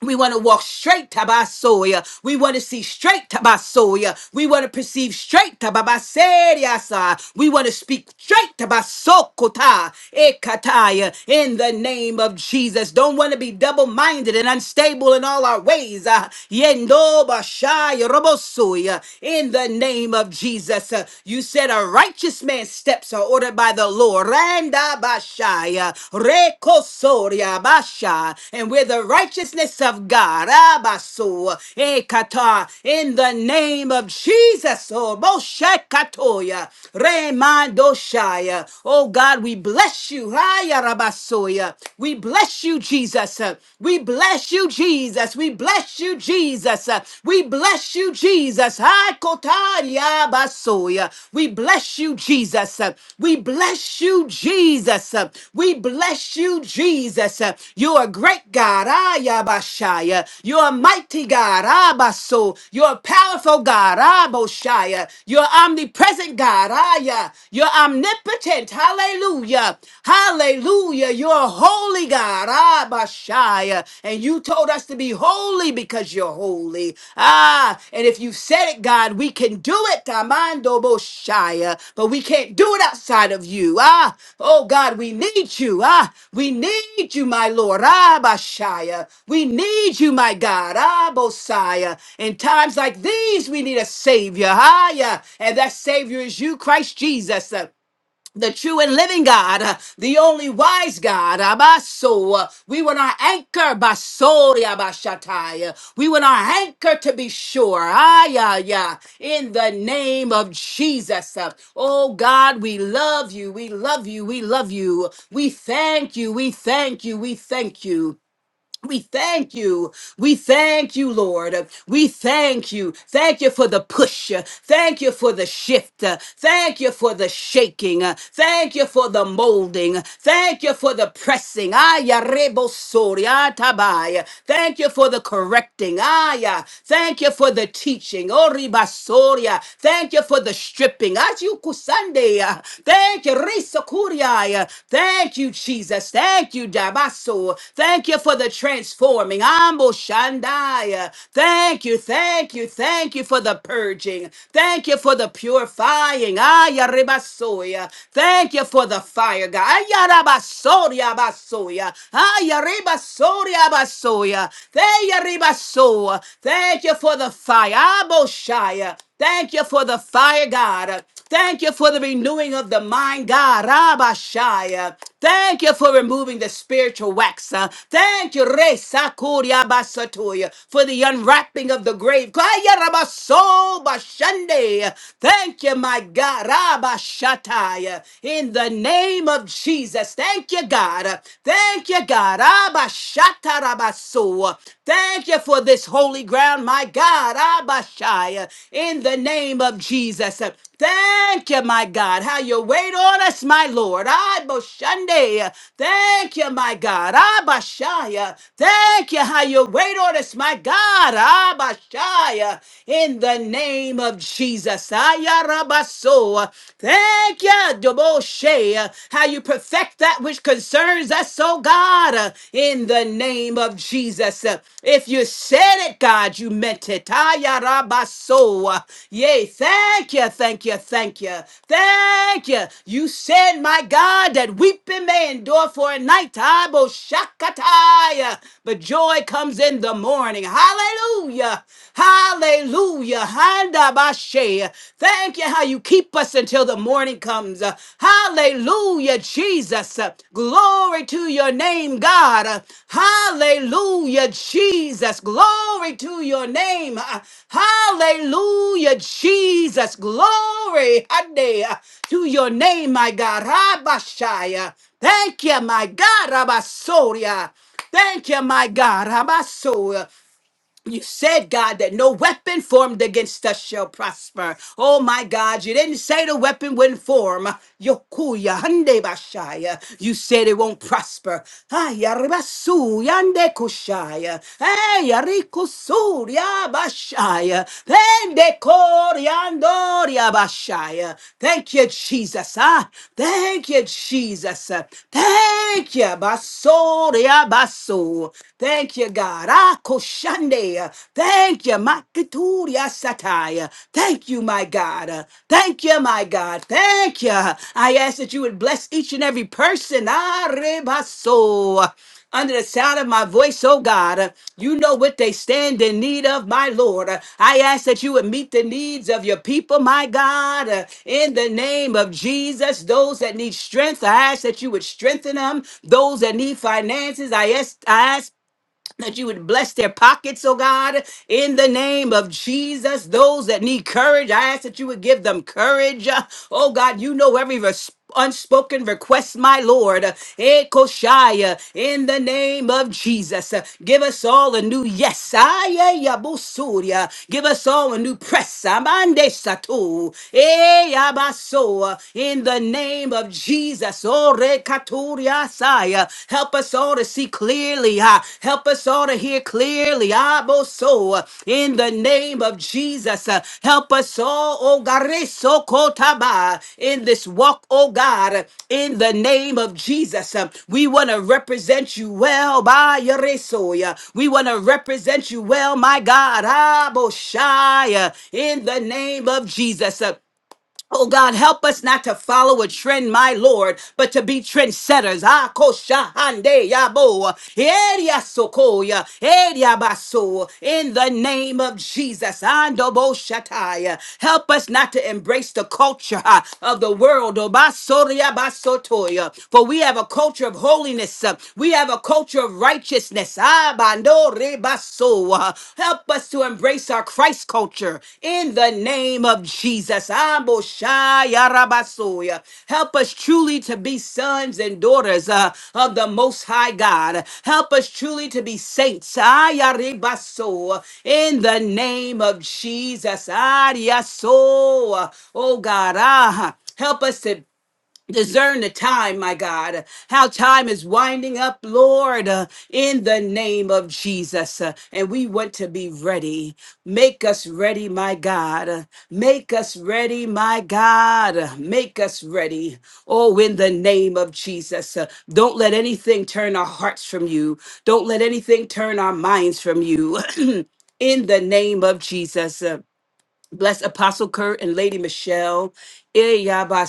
Speaker 3: We want to walk straight to Tabasoya. We want to see straight to Tabasoya. We want to perceive straight to Tababaseriasa. We want to speak straight to Tabasokota Ekataya in the name of Jesus. Don't want to be double minded and unstable in all our ways. Ah, Yendo Bashaya Robosoya in the name of Jesus. Ah, You said a righteous man's steps are ordered by the Lord. Randa Bashaya, Rekosoria Basha, and with the righteousness of God, Abaso, Ekata, in the name of Jesus, O Boshekatoya, Remandoshaya. Oh God, we bless you, Haya Rabasoya. We bless you, Jesus. We bless you, Jesus. We bless you, Jesus. We bless you, Jesus. Hakotaria basoya. We bless you, Jesus. We bless you, Jesus. We bless you, Jesus. You're a great God. Ayabashaya. You're a mighty God. Abaso. You're a powerful God. Aboshaya. You're omnipresent God. Aya. You're omnipotent. Hallelujah. Hallelujah. You're a holy God. Abashaya. And you told us to be holy because you're holy. Ah, and if you said it, God, we can do it. Tamando Boshaya. But we can't do it outside of you. Ah, oh God, we need you. Ah, we need you, my Lord. Ah, Bashaya. We need you, my God. Ah, Bosaya. In times like these, we need a Savior. Ah, yeah. And that Savior is you, Christ Jesus the true and living God, uh, the only wise God, Abaso. uh, We were our anchor, Basori Abashatai. uh, We were our anchor to be sure. Ah, yeah, yeah. In the name of Jesus. uh, Oh God, we love you. We love you. We love you. We thank you. We thank you. We thank you. We thank you. We thank you, Lord. We thank you. Thank you for the push. Thank you for the shift. Thank you for the shaking. Thank you for the molding. Thank you for the pressing. Aya rebo sori atabai. Thank you for the correcting. Aya. Thank you for the teaching. Oriba soria. Thank you for the stripping. As you kusande. Thank you kuriai. Thank you, Jesus. Thank you, Dabaso. Thank you for the transforming. Ambo Shandai. Thank you, thank you, thank you for the purging. Thank you for the purifying. Aya Ribasoya. Thank you for the fire, God. Aya Rabasoria Basoya. Aya Ribasoria Basoya. Thank you, Ribasoa. Thank you for the fire. Abo Shaya. Thank you for the fire, God. Thank you for the renewing of the mind, God. Rabashaya. Thank you for removing the spiritual wax. uh. Thank you, Re Sakuria Basatoya, for the unwrapping of the grave. Kaya Rabaso Bashande. Thank you, my God. Rabashataya. In the name of Jesus. Thank you, God. Thank you, God. Rabashata Rabaso. Yeshua. Thank you for this holy ground, my God. Abashaya, in the name of Jesus. Thank you, my God. How you wait on us, my Lord. Aboshande. Thank you, my God. Abashaya. Thank you, how you wait on us, my God. Abashaya. In the name of Jesus. Ayarabaso. Thank you, Doboshe. How you perfect perfect that which concerns us, oh God, uh, in the name of Jesus. Uh, If you said it, God, you meant it. Ayarabaso. Yay, thank you, thank you, thank you, thank you. You said, my God, that weeping may endure for a night. Abo shakataya but joy comes in the morning. Hallelujah. Hallelujah. Handabashe. Thank you how you keep us until the morning comes. Uh, Hallelujah, Jesus. Uh, Glory to your name, God. Uh, Hallelujah, Jesus. Glory to your name. Uh, Hallelujah, Jesus. Glory Hande, uh, to your name, my God. Rabashaya. Thank you, my God. Rabasoria. Thank you, my God. Habaso you said, God, that no weapon formed against us shall prosper. Oh my God, you didn't say the weapon wouldn't form. Yokuya hande bashaya. You said it won't prosper. Ay, arribasu yande kushaya. Ay, arikusuria bashaya. Pende koriandoria bashaya. Thank you, Jesus. Ah, thank you, Jesus. ah. Thank you, basoria baso. Thank you, God. Rakoshande. Thank you, Makaturia Sataya. Thank you, my God. Thank you, my God. Thank you. I ask that you would bless each and every person. Arebaso. Under the sound of my voice, oh God, you know what they stand in need of, my Lord. I ask that you would meet the needs of your people, my God. In the name of Jesus, those that need strength, I ask that you would strengthen them. Those that need finances, I ask, I ask that you would bless their pockets, oh God, in the name of Jesus. Those that need courage, I ask that you would give them courage. Oh God, you know every res- unspoken request, my Lord. Eh, Koshaya, In the name of Jesus, give us all a new yes. Aye, ya, busuria. Give us all a new press. Amande satu. Eh, ya, In the name of Jesus katuriasaya. Help us all to see clearly. ah. Help us all to hear clearly. Aboso, in the name of Jesus. ah. Help us all, oh Gareso Kotaba, in this walk, oh God, in the name of Jesus. ah. We want to represent you well by Yaresoya. We want to represent you well, my God. Aboshaya, in the name of Jesus. ah. Oh God, help us not to follow a trend, my Lord, but to be trendsetters. Ah, kosha hande yabo, eria sokoya, eria baso. In the name of Jesus, andobo shataya. Help us not to embrace the culture ah, of the world. oh, basoria basotoya. For we have a culture of holiness. ah, We have a culture of righteousness. Ah, Rebaso. Help us to embrace our Christ culture in the name of Jesus. Amboshaya Rabasoya. Help us truly to be sons and daughters uh, of the Most High God. Help us truly to be saints. Aya Rebaso. In the name of Jesus. Ariaso. Oh God. Ah. Help us to Discern the time, my God, how time is winding up, Lord, uh, in the name of Jesus. Uh, and we want to be ready. Make us ready, my God. Make us ready, my God. Make us ready. Oh, in the name of Jesus. Uh, don't let anything turn our hearts from you. Don't let anything turn our minds from you. [clears throat] in the name of Jesus. Bless Apostle Kurt and Lady Michelle. Eh, yabba,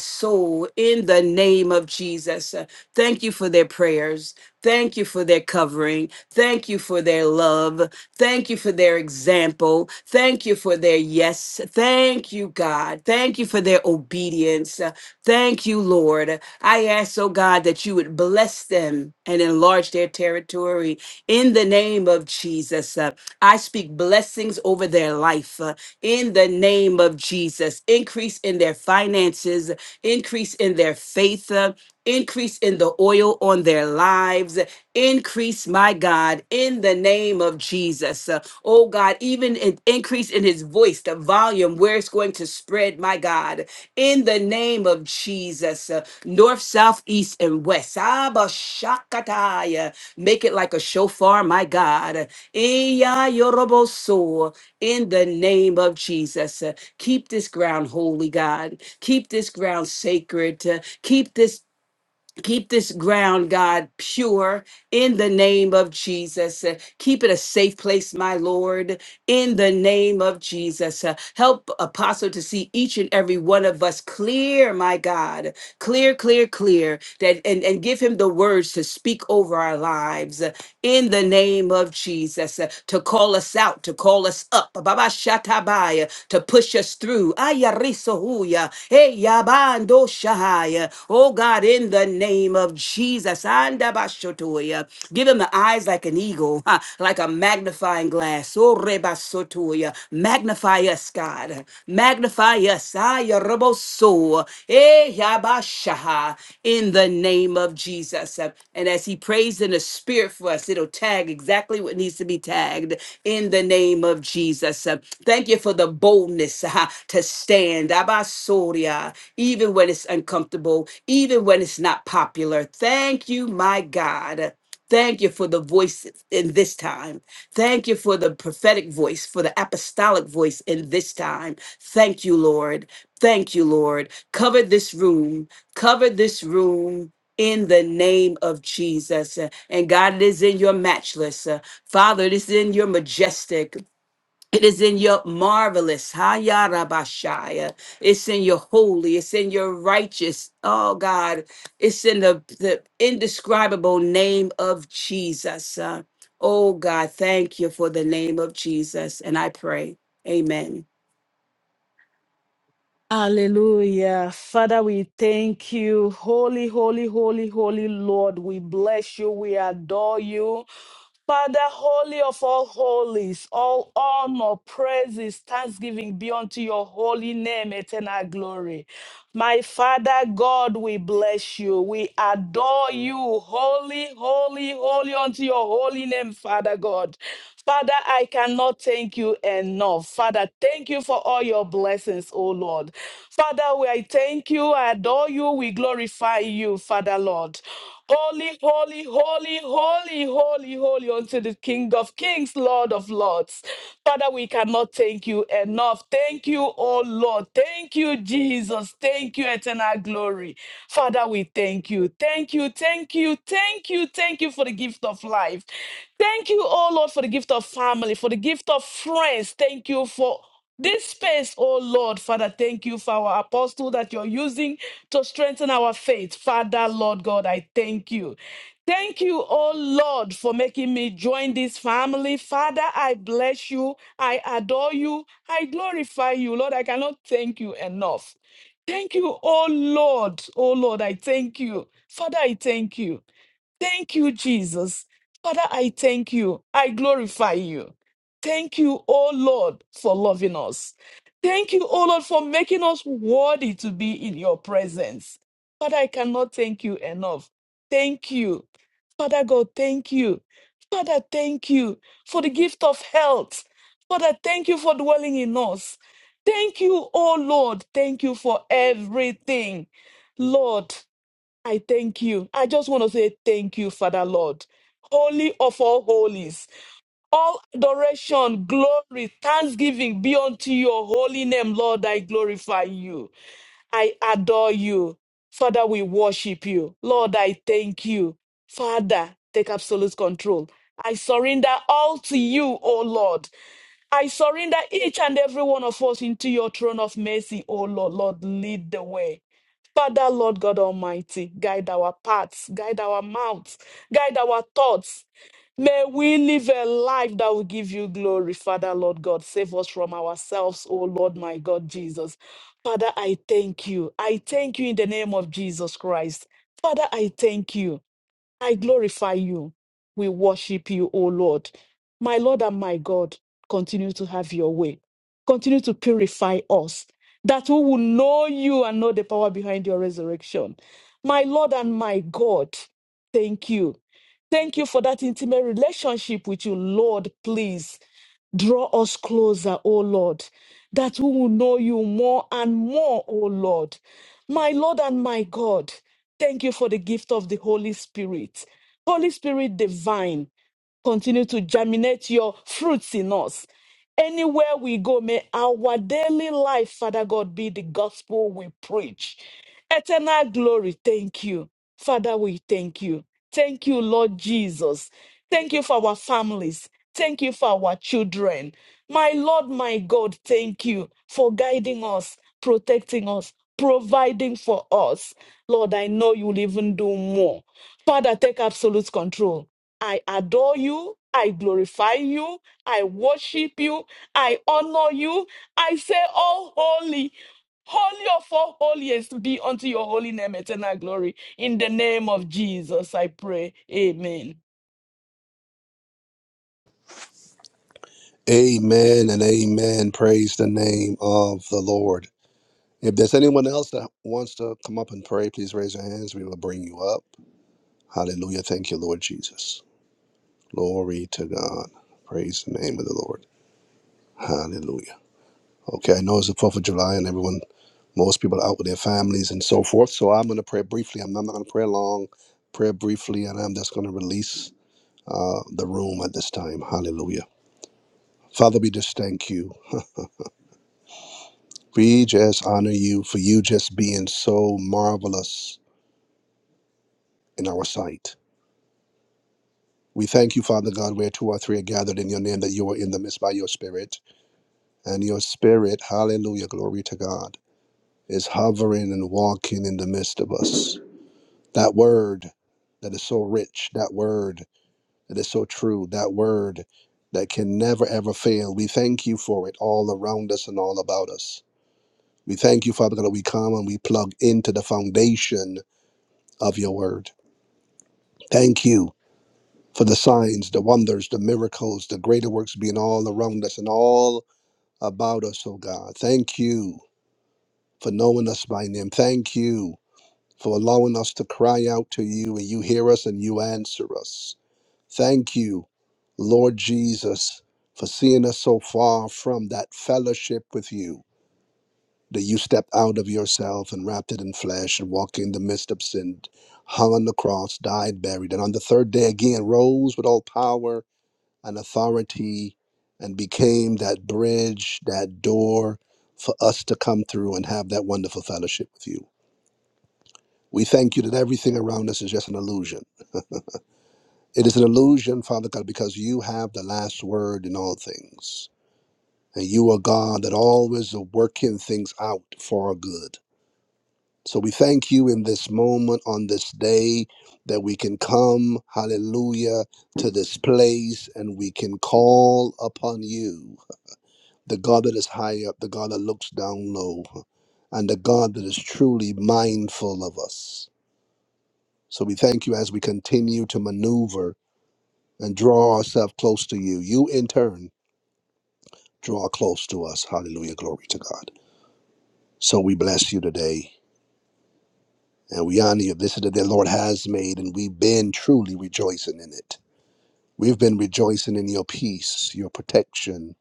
Speaker 3: In the name of Jesus. Uh, Thank you for their prayers. Thank you for their covering. Thank you for their love. Thank you for their example. Thank you for their yes. Thank you, God. Thank you for their obedience. Uh, Thank you, Lord. I ask, oh God, that you would bless them and enlarge their territory in the name of Jesus. Uh, I speak blessings over their life. Uh, in the name of Jesus. Increase in their finances, increase in their faith, uh, increase in the oil on their lives, increase, my God, in the name of Jesus. Uh, Oh God, even an increase in his voice, the volume where it's going to spread, my God, in the name of Jesus. Uh, North, south, east, and west. Abba Shakataya. Make it like a shofar, my God. Iya yoroboso in the name of Jesus. Uh, Keep this ground holy, God. Keep this ground sacred. Uh, Keep this Keep this ground, God, pure in the name of Jesus. Uh, Keep it a safe place, my Lord, in the name of Jesus. Uh, Help Apostle to see each and every one of us clear, my God clear, clear, clear, that and, and give him the words to speak over our lives uh, in the name of Jesus, uh, to call us out, to call us up, Baba Shatabaya, to push us through. Ayarisohuya, hey, Yabando Shahaya. Oh God, in the name of Jesus, Andabashotoya. give him the eyes like an eagle, [laughs] huh, like a magnifying glass. Oh Rebasotoya, Magnify us, God. Magnify us. Ayaroboso. Eh, yabashaha. In the name of Jesus. And as he prays in the spirit for us, it'll tag exactly what needs to be tagged in the name of Jesus. Thank you for the boldness ah, to stand. Abasoria. Even when it's uncomfortable, even when it's not popular. Thank you, my God. Thank you for the voice in this time. Thank you for the prophetic voice, for the apostolic voice in this time. Thank you, Lord. Thank you, Lord. Cover this room. Cover this room. In the name of Jesus. Uh, And God, it is in your matchless. uh, Father, it is in your majestic. It is in your marvelous, Hayarabashaya. It's in your holy. It's in your righteous. Oh God, it's in the, the indescribable name of Jesus. Uh, oh God, thank you for the name of Jesus. And I pray, Amen.
Speaker 4: Hallelujah. Father, we thank you. Holy, holy, holy, holy Lord, we bless you. We adore you. Father, holy of all holies, all honor, praises, thanksgiving be unto your holy name, eternal glory. My Father God, we bless you. We adore you. Holy, holy, holy unto your holy name, Father God. Father, I cannot thank you enough. Father, thank you for all your blessings, O Lord. Father, we I thank you, I adore you, we glorify you, Father Lord. Holy, holy, holy, holy, holy, holy unto the King of Kings, Lord of Lords. Father, we cannot thank you enough. Thank you, oh Lord. Thank you, Jesus. Thank you, eternal glory. Father, we thank you. Thank you, thank you, thank you, thank you for the gift of life. Thank you, oh Lord, for the gift of family, for the gift of friends. Thank you for this space, oh Lord, Father, thank you for our apostle that you're using to strengthen our faith. Father, Lord God, I thank you. Thank you, oh Lord, for making me join this family. Father, I bless you. I adore you. I glorify you. Lord, I cannot thank you enough. Thank you, oh Lord. Oh Lord, I thank you. Father, I thank you. Thank you, Jesus. Father, I thank you. I glorify you. Thank you, O Lord, for loving us. Thank you, O Lord, for making us worthy to be in your presence. Father, I cannot thank you enough. Thank you. Father God, thank you. Father, thank you for the gift of health. Father, thank you for dwelling in us. Thank you, O Lord. Thank you for everything. Lord, I thank you. I just want to say thank you, Father Lord. Holy of all holies. All adoration, glory, thanksgiving be unto your holy name, Lord. I glorify you. I adore you. Father, we worship you. Lord, I thank you. Father, take absolute control. I surrender all to you, O Lord. I surrender each and every one of us into your throne of mercy, O Lord. Lord, lead the way. Father, Lord God Almighty, guide our paths, guide our mouths, guide our thoughts. May we live a life that will give you glory, Father, Lord God. Save us from ourselves, O Lord, my God, Jesus. Father, I thank you. I thank you in the name of Jesus Christ. Father, I thank you. I glorify you. We worship you, O Lord. My Lord and my God, continue to have your way. Continue to purify us, that we will know you and know the power behind your resurrection. My Lord and my God, thank you. Thank you for that intimate relationship with you, Lord, please. Draw us closer, O Lord, that we will know you more and more, O Lord. My Lord and my God, thank you for the gift of the Holy Spirit. Holy Spirit divine, continue to germinate your fruits in us. Anywhere we go, may our daily life, Father God, be the gospel we preach. Eternal glory, thank you. Father, we thank you. Thank you, Lord Jesus. Thank you for our families. Thank you for our children. My Lord, my God, thank you for guiding us, protecting us, providing for us. Lord, I know you'll even do more. Father, take absolute control. I adore you. I glorify you. I worship you. I honor you. I say, Oh, holy, holy of all holiest be unto your holy name, eternal glory. In the name of Jesus, I pray. Amen.
Speaker 1: Amen and amen. Praise the name of the Lord. If there's anyone else that wants to come up and pray, please raise your hands. We will bring you up. Hallelujah. Thank you, Lord Jesus. Glory to God. Praise the name of the Lord. Hallelujah. Okay, I know it's the 4th of July and everyone, most people are out with their families and so forth. So I'm going to pray briefly. I'm not going to pray long. Pray briefly, and I'm just going to release uh, the room at this time. Hallelujah. Father, we just thank you. We just honor you for you just being so marvelous in our sight. We thank you, Father God, where two or three are gathered in your name, that you are in the midst by your Spirit. And your Spirit, hallelujah, glory to God, is hovering and walking in the midst of us. That word that is so rich, that word that is so true, that word that can never, ever fail. We thank you for it all around us and all about us. We thank you, Father God, that we come and we plug into the foundation of your word. Thank you for the signs, the wonders, the miracles, the greater works being all around us and all about us, oh God. Thank you for knowing us by name. Thank you for allowing us to cry out to you and you hear us and you answer us. Thank you, Lord Jesus, for seeing us so far from that fellowship with you that you stepped out of yourself and wrapped it in flesh and walked in the midst of sin, hung on the cross, died, buried, and on the third day again rose with all power and authority and became that bridge, that door for us to come through and have that wonderful fellowship with you. We thank you that everything around us is just an illusion. It is an illusion, Father God, because you have the last word in all things. And you are God that always are working things out for our good. So we thank you in this moment, on this day, that we can come, hallelujah, to this place and we can call upon you the God that is high up, the God that looks down low, and the God that is truly mindful of us. So we thank you as we continue to maneuver and draw ourselves close to you. You, in turn, draw close to us. Hallelujah. Glory to God. So we bless you today and we honor you. This is the day the Lord has made, and we've been truly rejoicing in it. We've been rejoicing in your peace, your protection,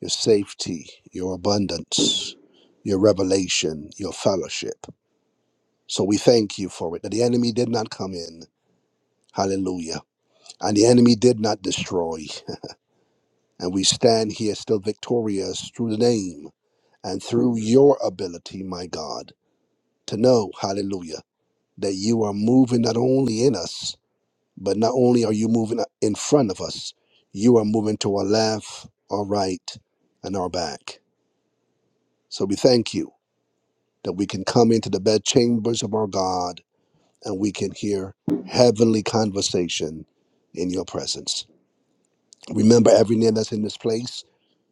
Speaker 1: your safety, your abundance, your revelation, your fellowship. So we thank you for it that the enemy did not come in. Hallelujah. And the enemy did not destroy. And we stand here still victorious through the name and through your ability, my God, to know, hallelujah, that you are moving not only in us, but not only are you moving in front of us, you are moving to our left, our right, and our back. So we thank you that we can come into the bed chambers of our God and we can hear heavenly conversation in your presence. Remember every name that's in this place,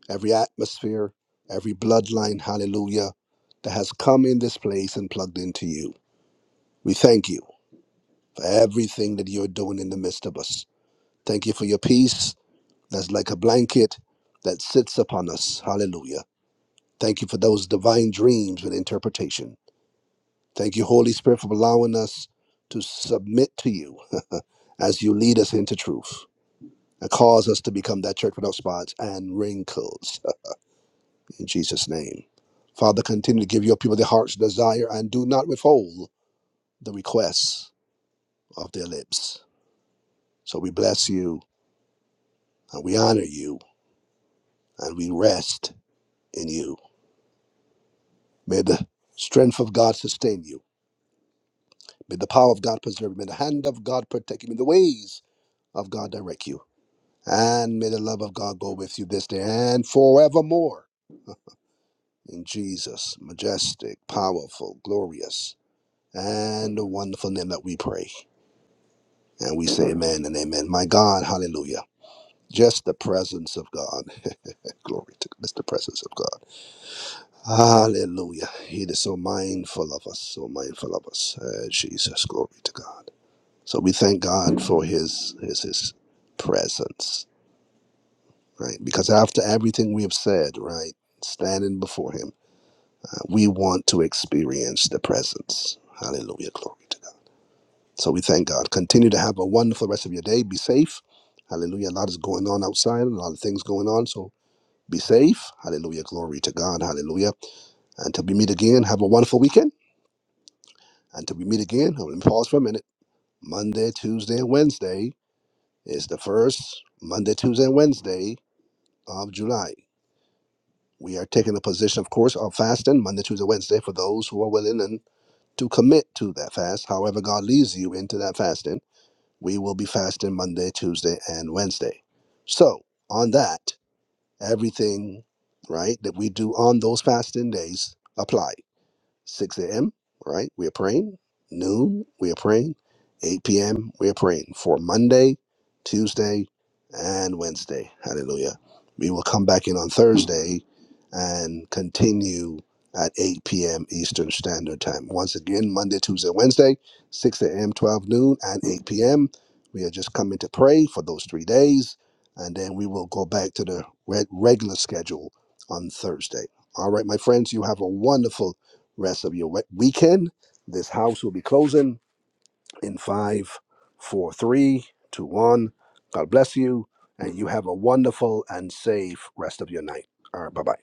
Speaker 1: every atmosphere, every bloodline, hallelujah, that has come in this place and plugged into you. We thank you for everything that you're doing in the midst of us. Thank you for your peace that's like a blanket that sits upon us. Hallelujah. Thank you for those divine dreams with interpretation. Thank you, Holy Spirit, for allowing us to submit to you [laughs] as you lead us into truth. and cause us to become that church without spots and wrinkles uh, in Jesus' name. Father, continue to give your people the heart's desire and do not withhold the requests of their lips. So we bless you and we honor you and we rest in you. May the strength of God sustain you. May the power of God preserve you. May the hand of God protect you. May the ways of God direct you. And may the love of God go with you this day and forevermore. In Jesus, majestic, powerful, glorious, and the wonderful name that we pray. And we say amen and amen. My God, hallelujah. Just the presence of God. [laughs] Glory to just the presence of God. Hallelujah. He is so mindful of us, so mindful of us. Uh, Jesus, glory to God. So we thank God for his his his presence, right? Because after everything we have said, right, standing before him, uh, we want to experience the presence. Hallelujah, glory to God. So we thank God. Continue to have a wonderful rest of your day. Be safe. Hallelujah. A lot is going on outside, a lot of things going on. So be safe. Hallelujah. Glory to God. Hallelujah. Until we meet again, have a wonderful weekend. Until we meet again, I'm going to pause for a minute. Monday, Tuesday, and Wednesday is the first Monday, Tuesday, and Wednesday of July. We are taking a position, of course, of fasting Monday, Tuesday, Wednesday for those who are willing and to commit to that fast. However, God leads you into that fasting. We will be fasting Monday, Tuesday, and Wednesday. So, on that, everything, right, that we do on those fasting days apply. 6 a.m., right? We are praying. Noon, we are praying. 8 p.m., we are praying for Monday, Tuesday, and Wednesday. Hallelujah. We will come back in on Thursday and continue at 8 p.m. Eastern Standard Time. Once again, Monday, Tuesday, Wednesday, 6 a.m., 12 noon, and 8 p.m. We are just coming to pray for those three days, and then we will go back to the reg- regular schedule on Thursday. All right, my friends, you have a wonderful rest of your we- weekend. This house will be closing in five, four, three, two, one. God bless you, and you have a wonderful and safe rest of your night. All right, bye bye.